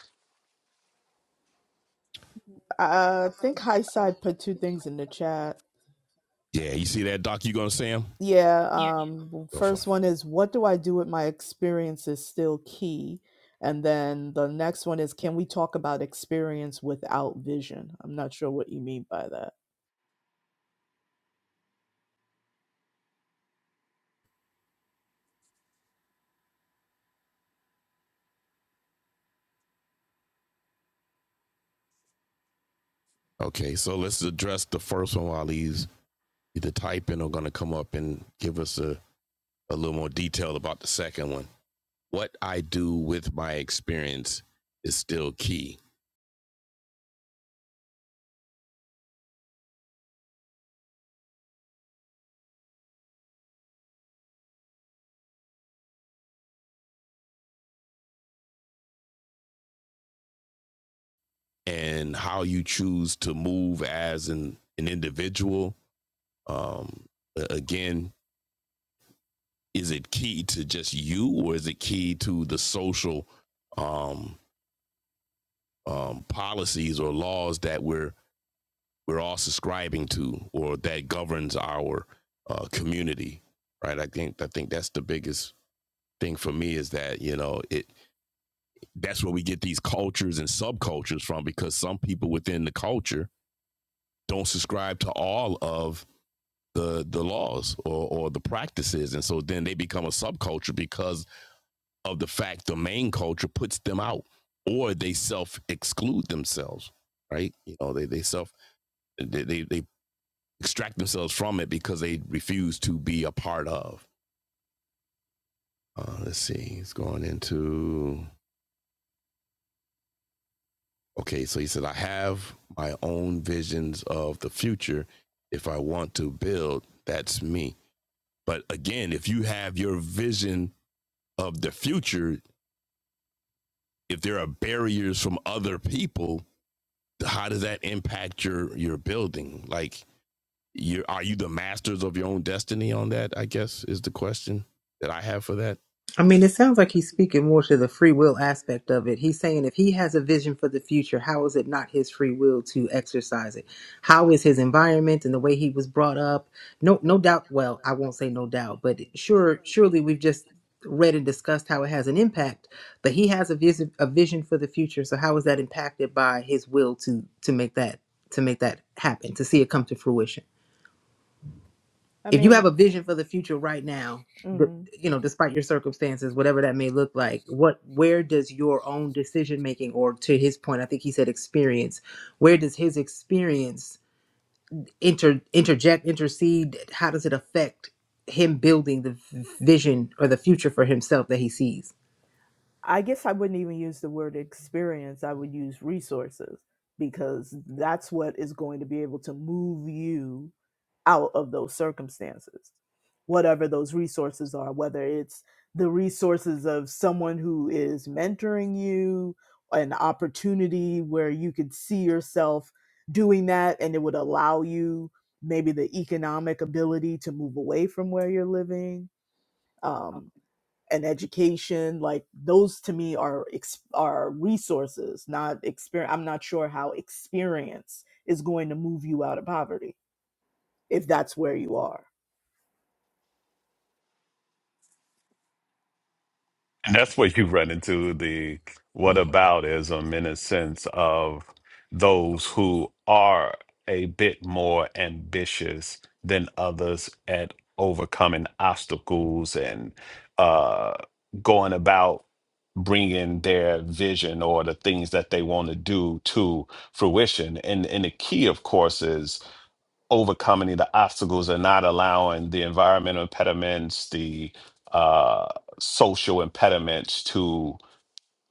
I think Highside put two things in the chat.
Yeah, you see that doc you gonna see him?
Yeah,
Yeah.
um,
Go for it.
first one is what do I do with my experience is still key. And then the next one is can we talk about experience without vision? I'm not sure what you mean by that.
Okay, so let's address the first one while he's either typing or gonna come up and give us a, a little more detail about the second one. What I do with my experience is still key. And how you choose to move as an, an individual, um, again, is it key to just you or is it key to the social um, um, policies or laws that we're we're all subscribing to or that governs our uh, community right i think i think that's the biggest thing for me is that you know it that's where we get these cultures and subcultures from because some people within the culture don't subscribe to all of the the laws or, or the practices and so then they become a subculture because of the fact the main culture puts them out or they self exclude themselves right you know they they self they, they they extract themselves from it because they refuse to be a part of. Uh, let's see, he's going into. Okay, so he said, I have my own visions of the future. If I want to build, that's me. But again, if you have your vision of the future, if there are barriers from other people, how does that impact your your building? Like, you are you the masters of your own destiny on that? I guess is the question that I have for that.
I mean, it sounds like he's speaking more to the free will aspect of it. He's saying if he has a vision for the future, how is it not his free will to exercise it? How is his environment and the way he was brought up? No, no doubt. Well, I won't say no doubt, but sure, surely we've just read and discussed how it has an impact. But he has a vision, a vision for the future. So how is that impacted by his will to to make that to make that happen, to see it come to fruition?
I
if you have
mean,
a vision for the future right now th-
mhm.
you know despite your circumstances whatever that may look like what where does your own decision making or to his point i think he said experience where does his experience inter interject intercede how does it affect him building the v- vision or the future for himself that he sees
I guess I wouldn't even use the word experience. I would use resources because that's what is going to be able to move you out of those circumstances. whatever those resources are, whether it's the resources of someone who is mentoring you, an opportunity where you could see yourself doing that and it would allow you maybe the economic ability to move away from where you're living, um, an education, like those to me are ex- are resources, not experience. I'm not sure how experience is going to move you out of poverty if that's where you are
And that's where you run into the
What
whataboutism in a sense of those who are a bit more ambitious than others at overcoming obstacles and uh, going about bringing their vision or the things that they want to do to fruition. And and the key, of course, is overcoming the obstacles and not allowing the environmental impediments, the uh, social impediments to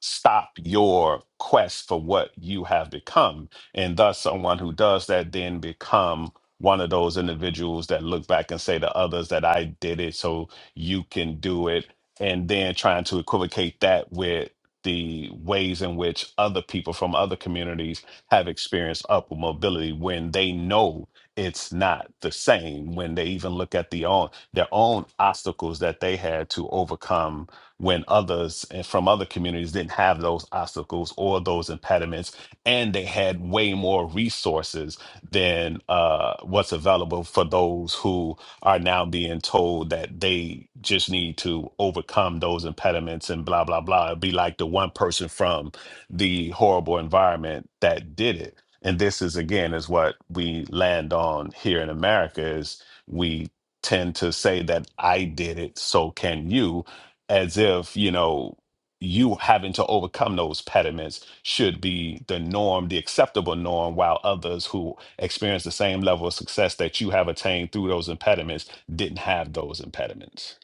stop your quest for what you have become. And thus, someone who does that then become one of those individuals that look back and say to others that I did it, so you can do it. And then trying to equivocate that with the ways in which other people from other communities have experienced upward mobility when they know it's not the same when they even look at the own their own obstacles that they had to overcome when others and from other communities didn't have those obstacles or those impediments, and they had way more resources than uh, what's available for those who are now being told that they just need to overcome those impediments and blah blah blah. It'd be like the one person from the horrible environment that did it. And this is again is what we land on here in America is we tend to say that I did it, so can you as if you know you having to overcome those pediments should be the norm the acceptable norm while others who experience the same level of success that you have attained through those impediments didn't have those impediments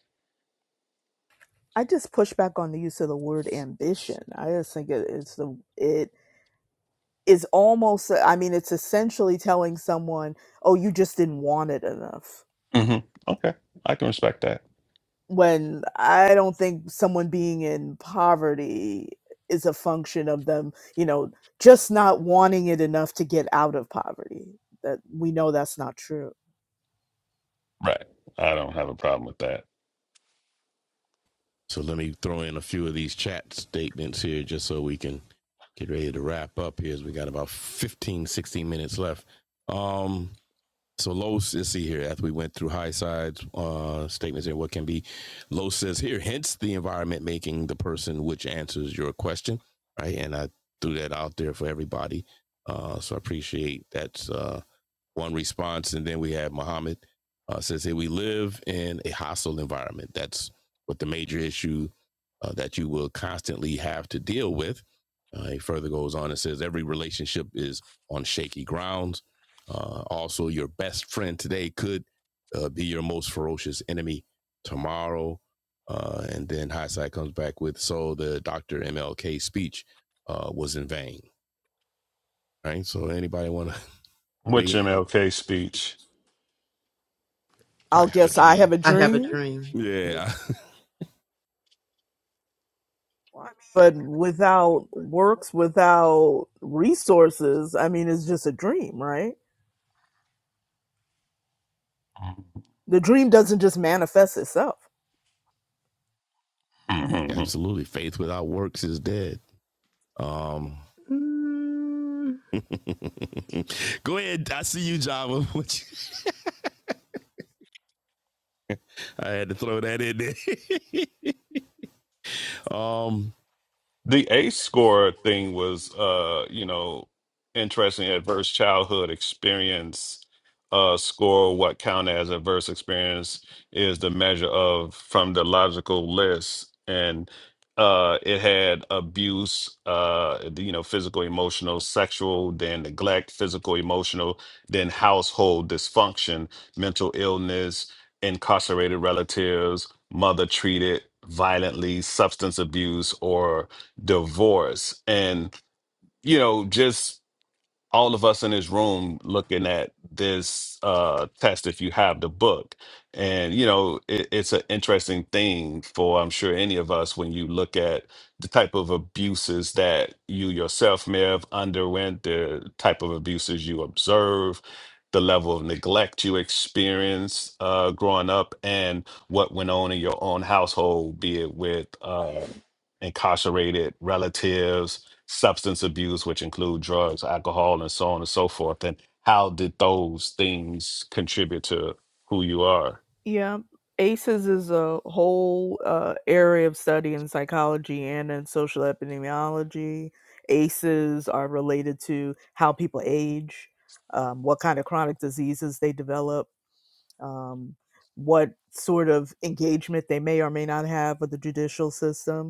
I just push back on the use of the word ambition. I just think it, it's the it is almost. I mean, it's essentially telling someone, "Oh, you just didn't want it enough."
hmm okay i can respect that
When I don't think someone being in poverty is a function of them, you know, just not wanting it enough to get out of poverty. That we know that's not true.
right i don't have a problem with that
So let me throw in a few of these chat statements here just so we can get ready to wrap up here as we got about 15, 16 minutes left. Um, so Los is see here after we went through high sides uh, statements and what can be. Los says here, hence the environment making the person which answers your question, right? And I threw that out there for everybody. Uh, so I appreciate that. uh, one response. And then we have Muhammad uh, says, Hey, we live in a hostile environment. That's what the major issue uh, that you will constantly have to deal with. Uh, he further goes on and says, Every relationship is on shaky grounds. Uh, also, your best friend today could uh, be your most ferocious enemy tomorrow. Uh, and then Highside comes back with, So the Dr. MLK speech uh, was in vain, right? So, anybody want to
which
weigh in on M L
mlk
K
speech
I
I'll
have a
guess I have
dream.
a
i have a
dream,
dream
Yeah.
but without works, without resources, I mean, it's just a dream, right? The dream doesn't just manifest itself.
Absolutely. Faith without works is dead. Um
Mm,
go ahead. I see you, Java. I had to throw that in there. um
The ACE score thing was, uh, you know, interesting. Adverse childhood experience uh, score, what counted as adverse experience, is the measure of from the logical list. And uh, it had abuse, uh, you know, physical, emotional, sexual, then neglect, physical, emotional, then household dysfunction, mental illness, incarcerated relatives, mother treated violently, substance abuse, or divorce and you know just all of us in this room looking at this uh, test if you have the book and you know it, it's an interesting thing for i'm sure any of us when you look at the type of abuses that you yourself may have underwent the type of abuses you observe the level of neglect you experienced uh, growing up and what went on in your own household be it with uh, incarcerated relatives substance abuse, which include drugs, alcohol, and so on and so forth. And how did those things contribute to who you are?
Yeah. ACEs is a whole uh, area of study in psychology and in social epidemiology. ACEs are related to how people age, um, what kind of chronic diseases they develop, um, what sort of engagement they may or may not have with the judicial system.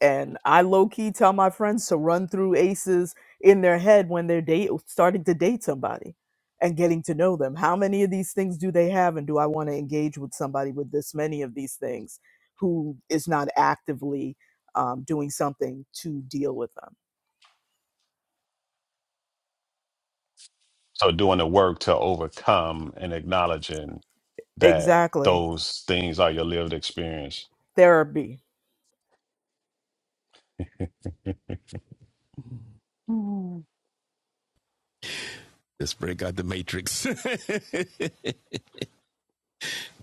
and I low key tell my friends to run through aces in their head when they're date starting to date somebody and getting to know them. How many of these things do they have, and do I want to engage with somebody with this many of these things who is not actively um, doing something to deal with them?
So doing the work to overcome and acknowledging that
Exactly,
those things are your lived experience.
therapy.
let's break out the matrix.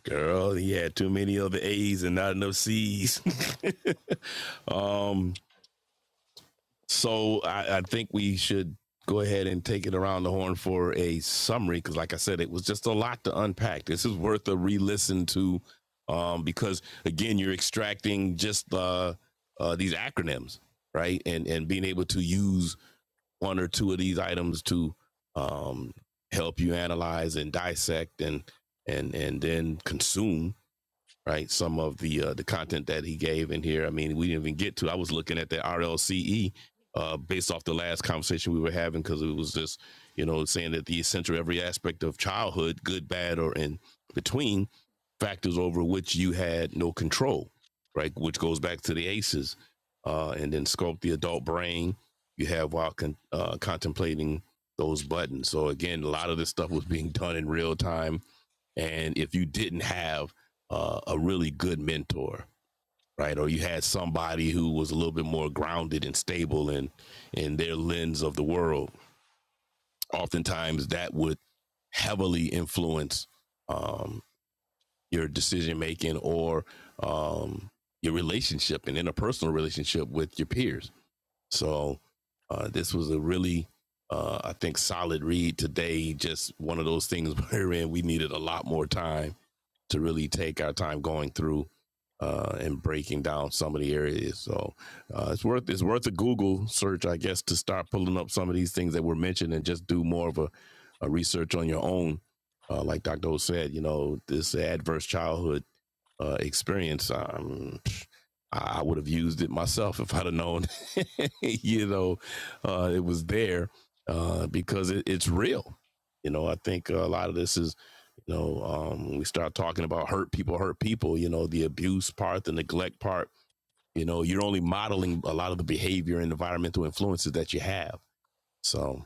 Girl, he had too many other A's and not enough C's. um So I, I think we should go ahead and take it around the horn for a summary because, like I said, it was just a lot to unpack. This is worth a re-listen to um, because, again, you're extracting just uh, uh, these acronyms, right? And and being able to use one or two of these items to um, help you analyze and dissect and and and then consume right? Some of the uh, the content that he gave in here. I mean, we didn't even get to. I was looking at the RLCE uh, based off the last conversation we were having because it was just you know saying that the essential every aspect of childhood, good, bad, or in between, factors over which you had no control, right? Which goes back to the ACEs, uh, and then sculpt the adult brain you have while con- uh, contemplating those buttons. So again, a lot of this stuff was being done in real time and if you didn't have uh, a really good mentor right or you had somebody who was a little bit more grounded and stable in in their lens of the world oftentimes that would heavily influence um, your decision making or um, your relationship and interpersonal relationship with your peers so uh, this was a really uh, i think solid read today just one of those things wherein we needed a lot more time to really take our time going through uh, and breaking down some of the areas. So uh, it's worth it's worth a Google search, I guess, to start pulling up some of these things that were mentioned and just do more of a, a research on your own. Uh, like Dr. O said, you know, this adverse childhood uh, experience, um, I would have used it myself if I'd have known, you know, uh, it was there uh, because it, it's real. You know, I think a lot of this is. You know, um, when we start talking about hurt people, hurt people, you know, the abuse part, the neglect part, you know, you're only modeling a lot of the behavior and environmental influences that you have. So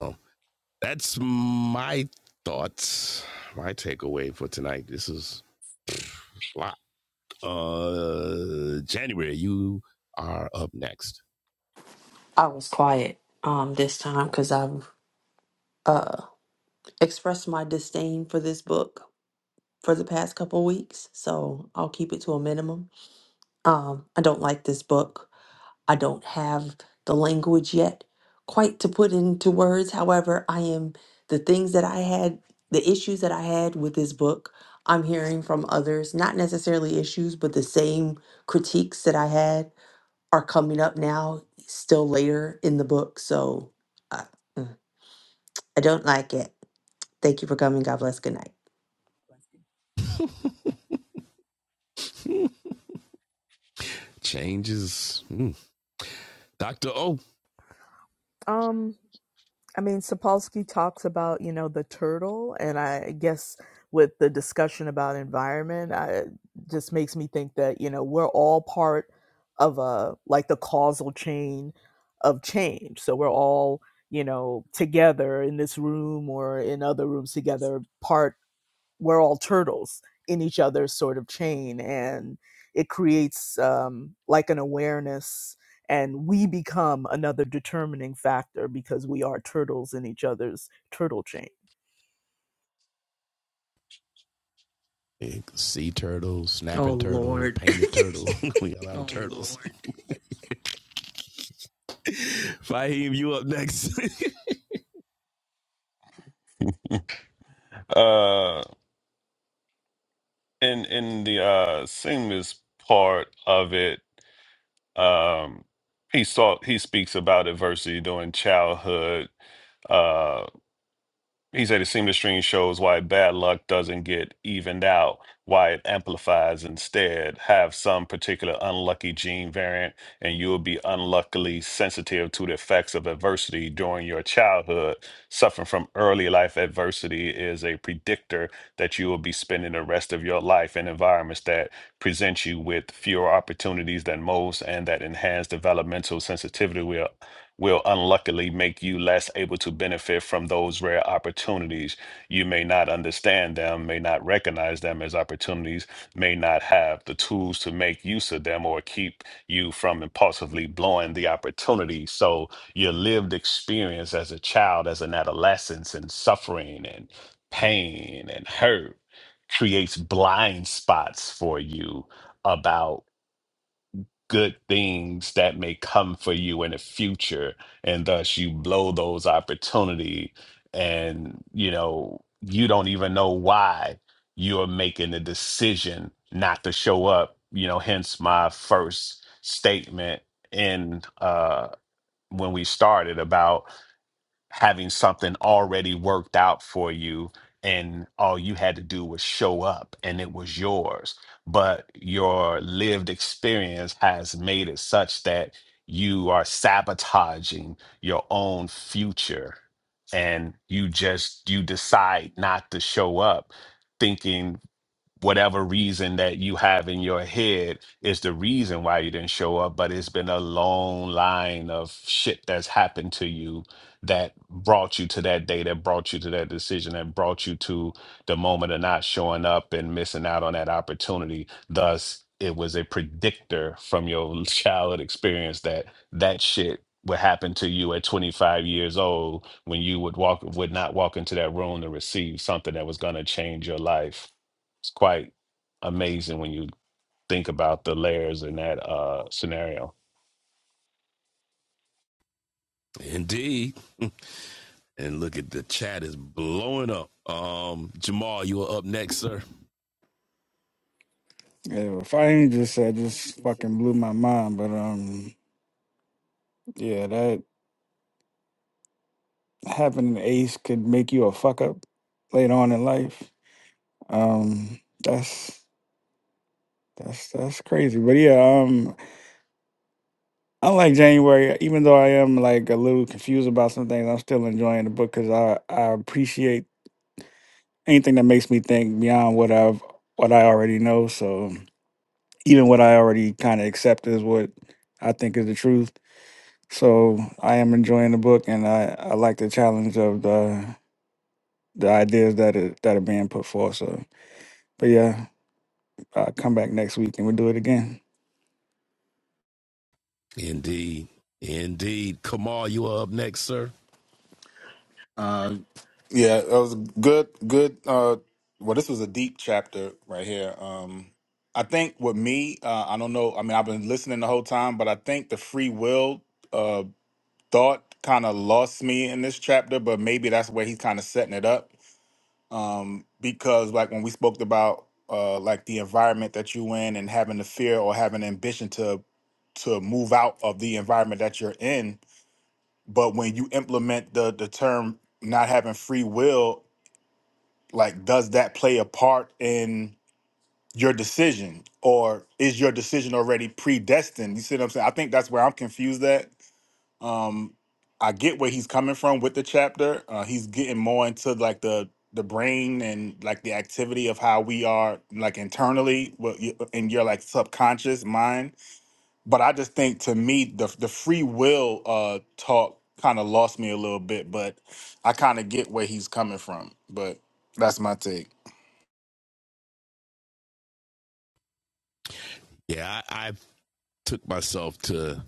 um, that's my thoughts, my takeaway for tonight. This is a lot. Uh, January, you are up next.
I was quiet um this time because I've uh expressed my disdain for this book for the past couple weeks, so I'll keep it to a minimum. Um, I don't like this book. I don't have the language yet quite to put into words. However, I am the things that I had, the issues that I had with this book. I'm hearing from others, not necessarily issues, but the same critiques that I had are coming up now, still later in the book. So. I mm. I don't like it. Thank you for coming. God bless. Good night.
Changes. Mm. Dr. O.
Um, I mean, Sapolsky talks about, you know, the turtle, and I guess with the discussion about environment, I, it just makes me think that, you know, we're all part of a, like the causal chain of change. So we're all, you know, together in this room or in other rooms together, part we're all turtles in each other's sort of chain and it creates um, like an awareness and we become another determining factor because we are turtles in each other's turtle chain
Sea turtle,
Oh
snapping turtle,
Lord.
painted turtle. we got a lot of oh, turtles. Fahim, you up next.
Uh, in in the uh, singleness part of it, um, he saw he speaks about adversity during childhood. He said "The seemed the string shows why bad luck doesn't get evened out, why it amplifies instead. Have some particular unlucky gene variant, and you will be unluckily sensitive to the effects of adversity during your childhood. Suffering from early life adversity is a predictor that you will be spending the rest of your life in environments that present you with fewer opportunities than most and that enhance developmental sensitivity will unluckily make you less able to benefit from those rare opportunities. You may not understand them, may not recognize them as opportunities, may not have the tools to make use of them or keep you from impulsively blowing the opportunity. So, your lived experience as a child, as an adolescence, and suffering and pain and hurt creates blind spots for you about good things that may come for you in the future and thus you blow those opportunity and you know you don't even know why you're making the decision not to show up you know hence my first statement in uh when we started about having something already worked out for you and all you had to do was show up and it was yours but your lived experience has made it such that you are sabotaging your own future and you just you decide not to show up thinking whatever reason that you have in your head is the reason why you didn't show up but it's been a long line of shit that's happened to you that brought you to that day that brought you to that decision that brought you to the moment of not showing up and missing out on that opportunity thus it was a predictor from your childhood experience that that shit would happen to you at 25 years old when you would walk would not walk into that room to receive something that was going to change your life it's quite amazing when you think about the layers in that uh, scenario.
Indeed. And look at the chat is blowing up. Um, Jamal, you are up next, sir.
Yeah, fire Just said just fucking blew my mind, but um, yeah, that having an ace could make you a fuck up later on in life. Um, that's that's that's crazy. But yeah, um, I like January, even though I am like a little confused about some things, I'm still enjoying the book because I I appreciate anything that makes me think beyond what I've what I already know. So even what I already kind of accept is what I think is the truth. So I am enjoying the book, and I, I like the challenge of the the ideas that are that are being put forth. So, but yeah, uh, come back next week and we'll do it again.
Indeed. Indeed. Kamal, you are up next, sir.
Uh, Yeah, that was good. Good. Uh, well, this was a deep chapter right here. Um, I think with me, uh, I don't know. I mean, I've been listening the whole time, but I think the free will uh, thought kind of lost me in this chapter. But maybe that's where he's kind of setting it up. Um, because like when we spoke about uh, like the environment that you in and having the fear or having ambition to to move out of the environment that you're in, but when you implement the the term not having free will, like does that play a part in your decision or is your decision already predestined? You see what I'm saying? I think that's where I'm confused at. Um I get where he's coming from with the chapter. Uh he's getting more into like the the brain and like the activity of how we are like internally what you- in your like subconscious mind but I just think to me the the free will uh talk kind of lost me a little bit, but I kind of get where he's coming from. But that's my take.
Yeah, I, I took myself to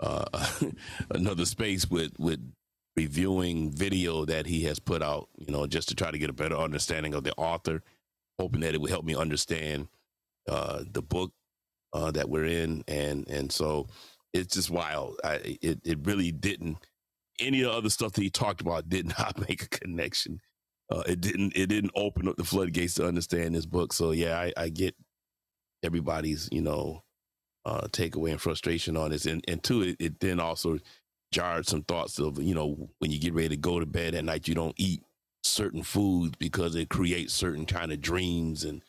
uh, another space with, with reviewing video that he has put out, you know, just to try to get a better understanding of the author hoping that it would help me understand uh, the book uh, that we're in, and and so it's just wild. I, it it really didn't any of the other stuff that he talked about did not make a connection. Uh, it didn't it didn't open up the floodgates to understand this book. So yeah, I, I get everybody's you know uh, takeaway and frustration on this, and and two, it, it then also jarred some thoughts of you know when you get ready to go to bed at night, you don't eat certain foods because it creates certain kind of dreams and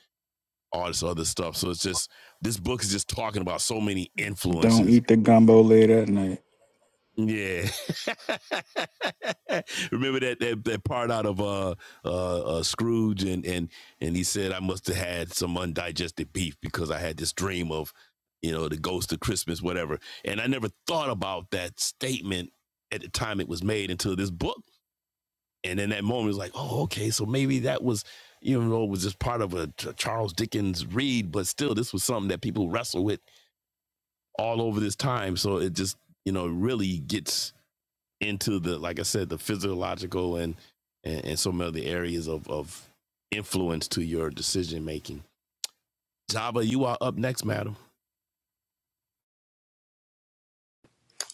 all this other stuff. So it's just this book is just talking about so many
Don't
influences.
eat the gumbo late at night.
Yeah. Remember that, that that part out of uh, uh uh Scrooge and and and he said I must have had some undigested beef because I had this dream of you know the ghost of Christmas whatever. And I never thought about that statement at the time it was made until this book. And in that moment, it was like, oh, okay, so maybe that was, you know, it was just part of a Charles Dickens read, but still, this was something that people wrestle with all over this time. So it just, you know, really gets into the, like I said, the physiological and, and, and some other areas of, of influence to your decision making. Java, you are up next, madam.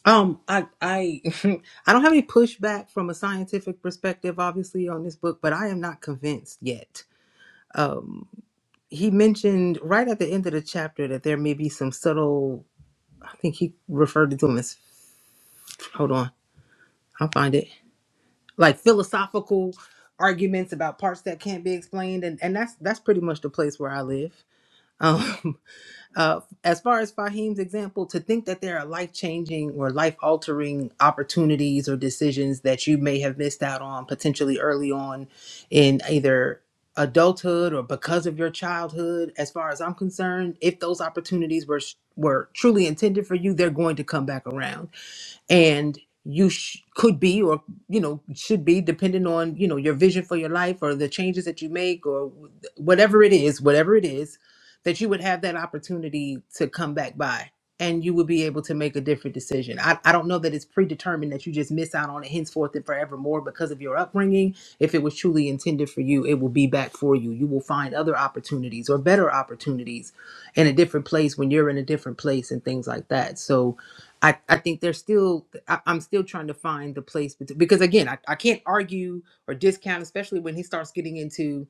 um i i i don't have any pushback from a scientific perspective obviously on this book but i am not convinced yet um, he mentioned right at the end of the chapter that there may be some subtle i think he referred to them as hold on i'll find it like philosophical arguments about parts that can't be explained and, and that's that's pretty much the place where i live Um, Uh, as far as Fahim's example, to think that there are life changing or life altering opportunities or decisions that you may have missed out on potentially early on in either adulthood or because of your childhood, as far as I'm concerned, if those opportunities were were truly intended for you, they're going to come back around and you sh- could be or you know should be depending on you know your vision for your life or the changes that you make or wh- whatever it is whatever it is that you would have that opportunity to come back by and you would be able to make a different decision I, I don't know that it's predetermined that you just miss out on it henceforth and forevermore because of your upbringing if it was truly intended for you it will be back for you you will find other opportunities or better opportunities in a different place when you're in a different place and things like that so I, I think there's still I, I'm still trying to find the place bet- because again I, I can't argue or discount especially when he starts getting into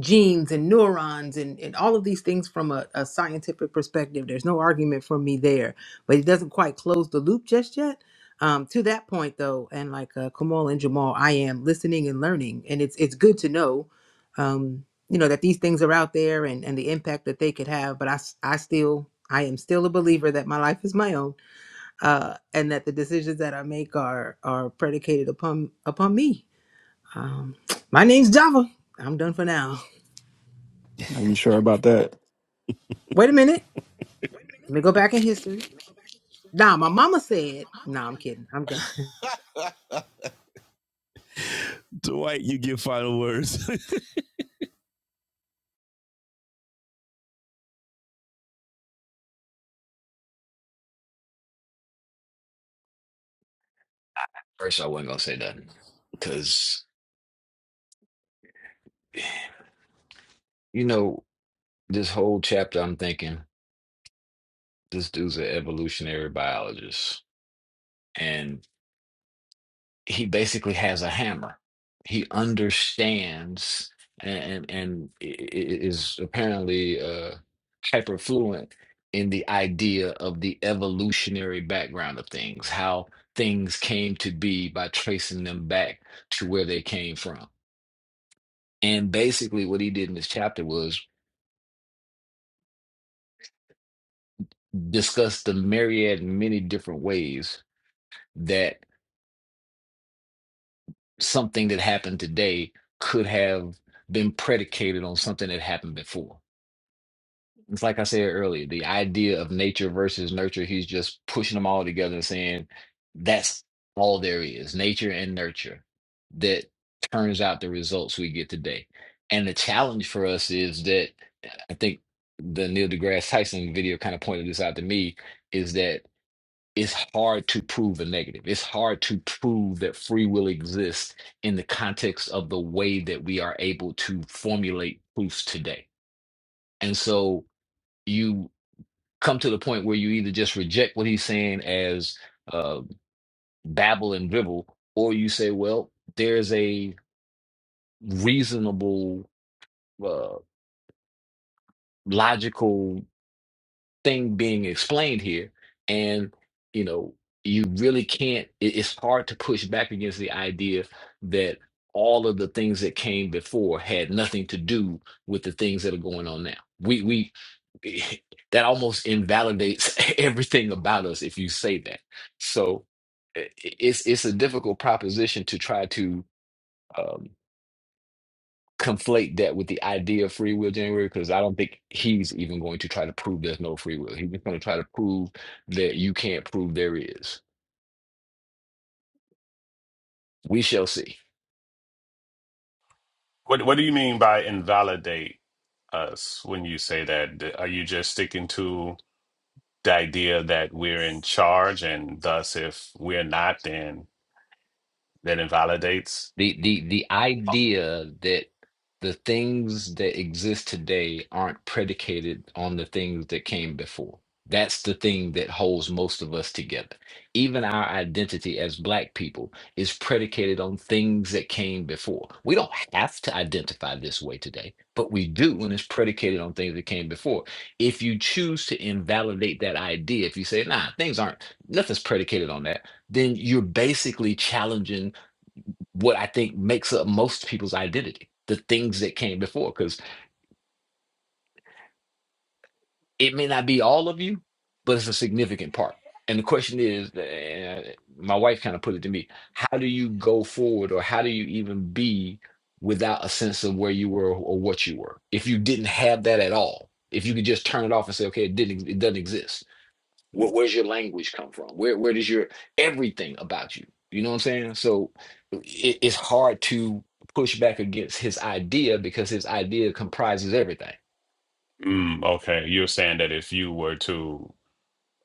genes and neurons and, and all of these things from a, a scientific perspective there's no argument for me there but he doesn't quite close the loop just yet um, to that point though and like uh, Kamal and Jamal I am listening and learning and it's it's good to know um, you know that these things are out there and, and the impact that they could have but I, s- I still I am still a believer that my life is my own uh, and that the decisions that I make are are predicated upon upon me. Um, my name's Java. I'm done for now.
Are you sure about that?
Wait a minute. Let me go back in history. Nah, my mama said. Nah, I'm kidding. I'm done.
Dwight, you give final words.
First, I wasn't going to say that because, you know, this whole chapter, I'm thinking this dude's an evolutionary biologist. And he basically has a hammer. He understands and and i- i- is apparently uh, hyper fluent in the idea of the evolutionary background of things, how things came to be by tracing them back to where they came from. And basically, what he did in this chapter was discuss the myriad, many different ways that something that happened today could have been predicated on something that happened before It's like I said earlier, the idea of nature versus nurture, he's just pushing them all together and saying that's all there is, nature and nurture that turns out the results we get today. And the challenge for us is that I think the Neil deGrasse Tyson video kind of pointed this out to me is that it's hard to prove a negative. It's hard to prove that free will exists in the context of the way that we are able to formulate proofs today. And so, you come to the point where you either just reject what he's saying as uh, babble and dribble, or you say, well, there's a reasonable, uh, logical. thing being explained here and you know you really can't it- it's hard to push back against the idea that all of the things that came before had nothing to do with the things that are going on now we we that almost invalidates everything about us if you say that so i- i- it's it's a difficult proposition to try to um, conflate that with the idea of free will, January, because I don't think he's even going to try to prove there's no free will. He's just going to try to prove that you can't prove there is. We shall see.
What What do you mean by invalidate us when you say that? D- Are you just sticking to the idea that we're in charge, and thus, if we're not, then that invalidates?
The the the
Oh,
idea that the things that exist today aren't predicated on the things that came before. That's the thing that holds most of us together. Even our identity as black people is predicated on things that came before. We don't have to identify this way today, but we do and it's predicated on things that came before. If you choose to invalidate that idea, if you say, nah, things aren't, nothing's predicated on that, then you're basically challenging what I think makes up most people's identity, the things that came before, because it may not be all of you, but it's a significant part. And the question is, eh, my wife kind of put it to me, how do you go forward or how do you even be without a sense of where you were or what you were? If you didn't have that at all, if you could just turn it off and say, okay, it didn't, it doesn't exist Where, where's your language come from? Where where does your everything about you? You know what I'm saying? So it, it's hard to push back against his idea because his idea comprises everything.
Mm, okay, you're saying that if you were to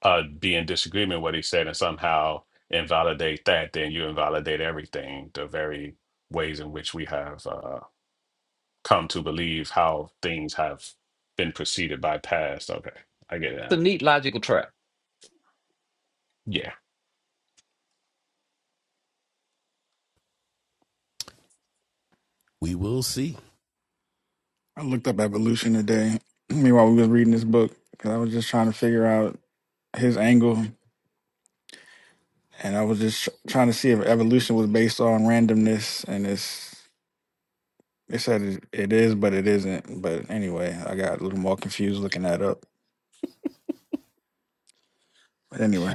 uh, be in disagreement with what he said and somehow invalidate that, then you invalidate everything. The very ways in which we have. uh, come to believe how things have been preceded by past. Okay, I get it
It's
now.
a neat logical trap.
Yeah.
we will see.
I looked up evolution today. Meanwhile, we was reading this book because I was just trying to figure out his angle, and I was just tr- trying to see if evolution was based on randomness and its. It said it, it is, but it isn't. But anyway, I got a little more confused looking that up. But anyway,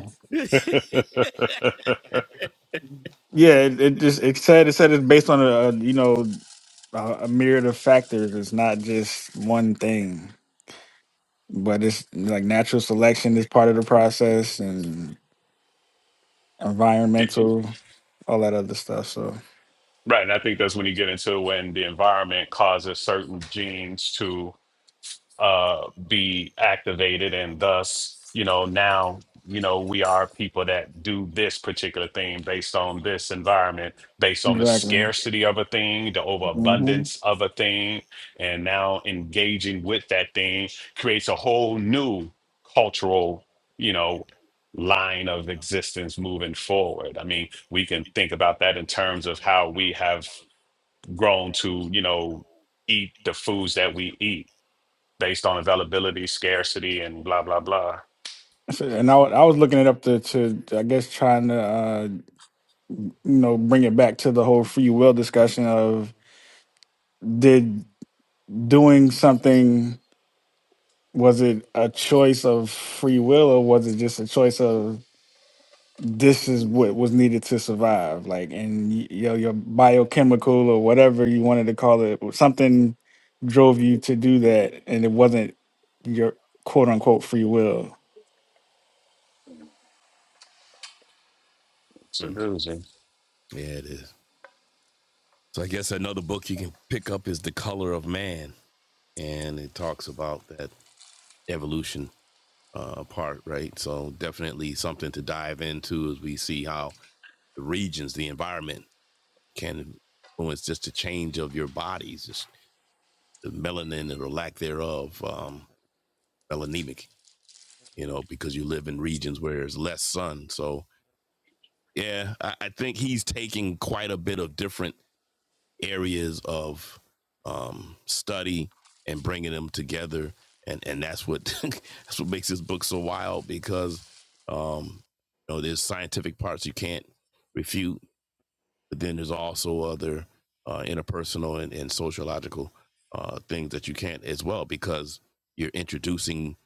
yeah, it, it just it said it said it's based on a, a you know a, a myriad of factors. It's not just one thing, but it's like natural selection is part of the process and
Yeah.
environmental, all that other stuff. So
Right. And I think that's when you get into when the environment causes certain genes to uh, be activated, and thus, you know, now, you know, we are people that do this particular thing based on this environment, based on the
exactly.
scarcity of a thing, the
hmm
overabundance of a thing, and now engaging with that thing creates a whole new cultural, you know, line of existence moving forward. I mean, we can think about that in terms of how we have grown to, you know, eat the foods that we eat based on availability, scarcity, and blah blah blah.
So, and I, wa- I was looking it up to, to I guess trying to uh, you know bring it back to the whole free will discussion of did doing something was it a choice of free will or was it just a choice of this is what was needed to survive like and y- your your biochemical or whatever you wanted to call it or something drove you to do that and it wasn't your quote unquote free will
It's a
Mm,
doozy.
yeah, it is. So I guess another book you can pick up is The Color of Man. And it talks about that evolution uh, part, right? So definitely something to dive into as we see how the regions, the environment can influence just the change of your bodies, just the melanin or lack thereof, um, melanemic, you know, because you live in regions where there's less sun. So yeah, I, I think he's taking quite a bit of different areas of um, study and bringing them together, and and that's what that's what makes this book so wild because um, you know there's scientific parts you can't refute, but then there's also other uh, interpersonal and, and sociological uh, things that you can't as well because you're introducing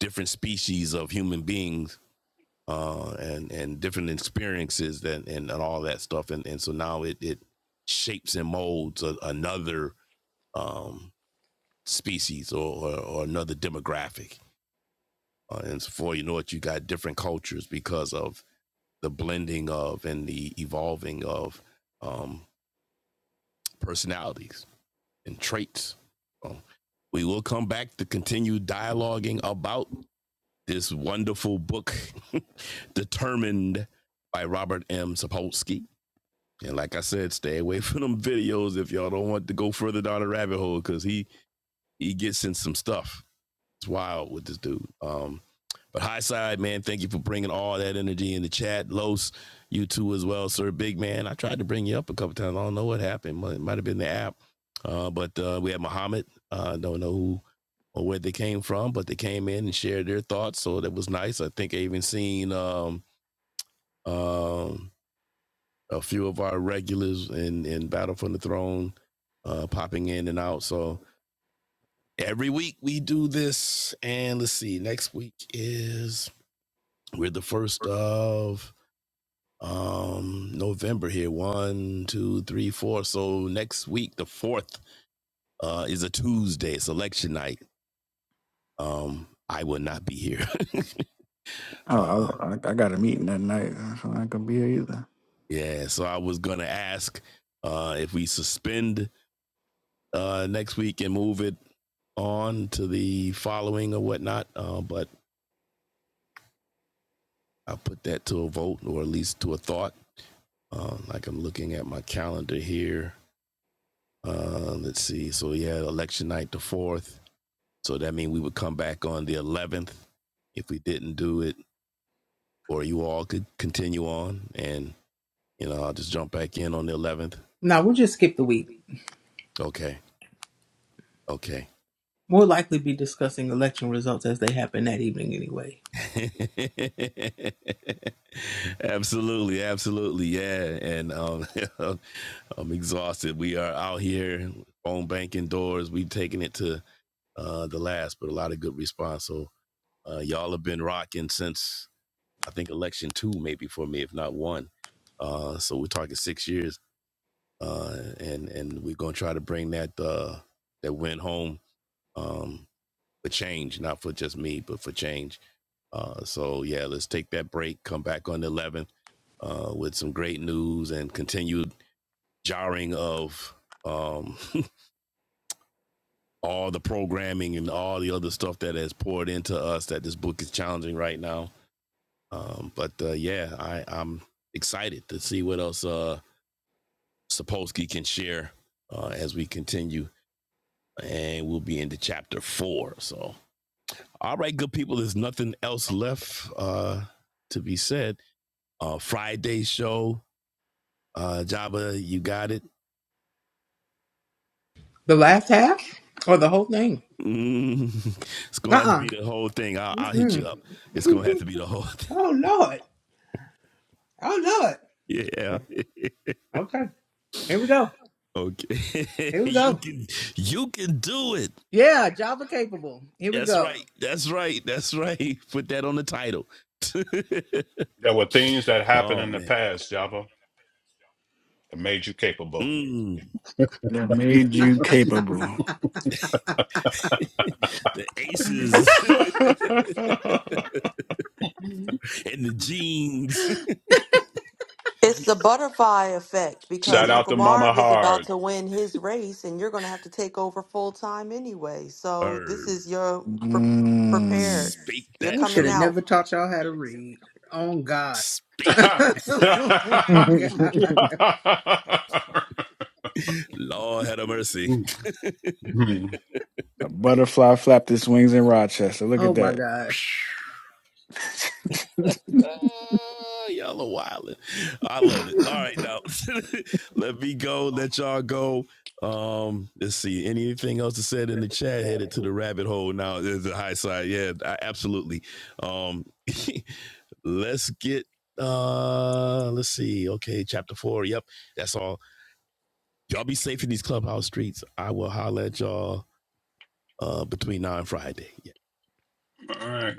different species of human beings uh, and and different experiences that and, and all that stuff, and and so now it it shapes and molds a, another um, species or, or or another demographic, uh, and so before you know it, you got different cultures because of the blending of and the evolving of um, personalities and traits. So we will come back to continue dialoguing about this wonderful book, Determined by Robert M. Sapolsky. And like I said, stay away from them videos if y'all don't want to go further down the rabbit hole because he he gets in some stuff. It's wild with this dude. Um, but high side man, thank you for bringing all that energy in the chat. Los, you too as well, sir. Big man, I tried to bring you up a couple times. I don't know what happened. It might have been the app. Uh, but uh, we had Muhammad. I Uh, don't know who or where they came from, but they came in and shared their thoughts. So that was nice. I think I even seen um, um, a few of our regulars in in Battle for the Throne uh, popping in and out. So every week we do this, and let's see, next week is we're the first of um November here. One, two, three, four. So next week, the fourth, uh, is a Tuesday. It's election night. Um, I will not be here. Uh,
oh i, I I got a meeting that night so i could be here either
yeah, so I was gonna ask uh if we suspend uh, next week and move it on to the following or whatnot. Uh, but I will put that to a vote or at least to a thought. Uh, like I'm looking at my calendar here. Uh, let's see. So yeah, election night the fourth. So that means we would come back on the 11th if we didn't do it, or you all could continue on, and you know I'll just jump back in on the 11th.
nah, we'll just skip the week.
Okay. Okay.
We'll likely be discussing election results as they happen that evening anyway.
absolutely, absolutely, yeah, and um, okay. I'm exhausted. We are out here, phone banking doors. We've taken it to uh, the last, but a lot of good response. So uh, y'all have been rocking since I think election two, maybe for me, if not one. Uh, so we're talking six years, uh, and and we're gonna try to bring that uh, that win home um, for change, not for just me, but for change. Uh, so yeah, let's take that break. Come back on the 11th uh, with some great news and continued jarring of. Um, all the programming and all the other stuff that has poured into us that this book is challenging right now. Um, but uh, yeah, I, I'm excited to see what else uh, Sapolsky can share uh, as we continue, and we'll be into chapter four. So, all right, good people, there's nothing else left uh, to be said. Uh, Friday show, uh, Java, you got it.
The last half or the whole thing?
Mm, it's gonna have to
Uh-uh.
be the whole thing. I'll, I'll hit you
Mm-mm.
up. It's gonna have to be the whole. Thing.
oh Lord. Oh Lord.
Yeah,
Okay. Okay. Here we go.
Okay.
Here we
you
go.
can you can do it.
Yeah, Java capable. Here we
That's
go.
right. That's right. That's right. Put that on the title.
There were things that happened
oh
in the
man.
past, Java, that made you capable.
Mm,
that made you capable
the aces and the jeans.
It's the butterfly effect
Shout
because
out
Uncle
to Mama
Marv is about
Hard.
to win his race and you're going to have to take over full time anyway. So this
Herb.
is your pre- prepared.
mm.
Speak
You're
We
that
should
coming
have
truth.
out.
never taught y'all how to read. Oh God.
Speak.
oh God.
Lord have mercy.
a butterfly flapped its wings in rochester look
Oh
at
my
that
gosh.
Ah, y'all are wildin', I love it. All right, now let me go. Let y'all go. Um, let's see. Anything else to said in the chat? Headed to the rabbit hole now. There's the high side. Yeah, I, absolutely. Um, let's get. Uh, let's see. Okay, chapter four. Yep, that's all. Y'all be safe in these clubhouse streets. I will holler at y'all. Uh, between now and Friday. Yeah.
All right.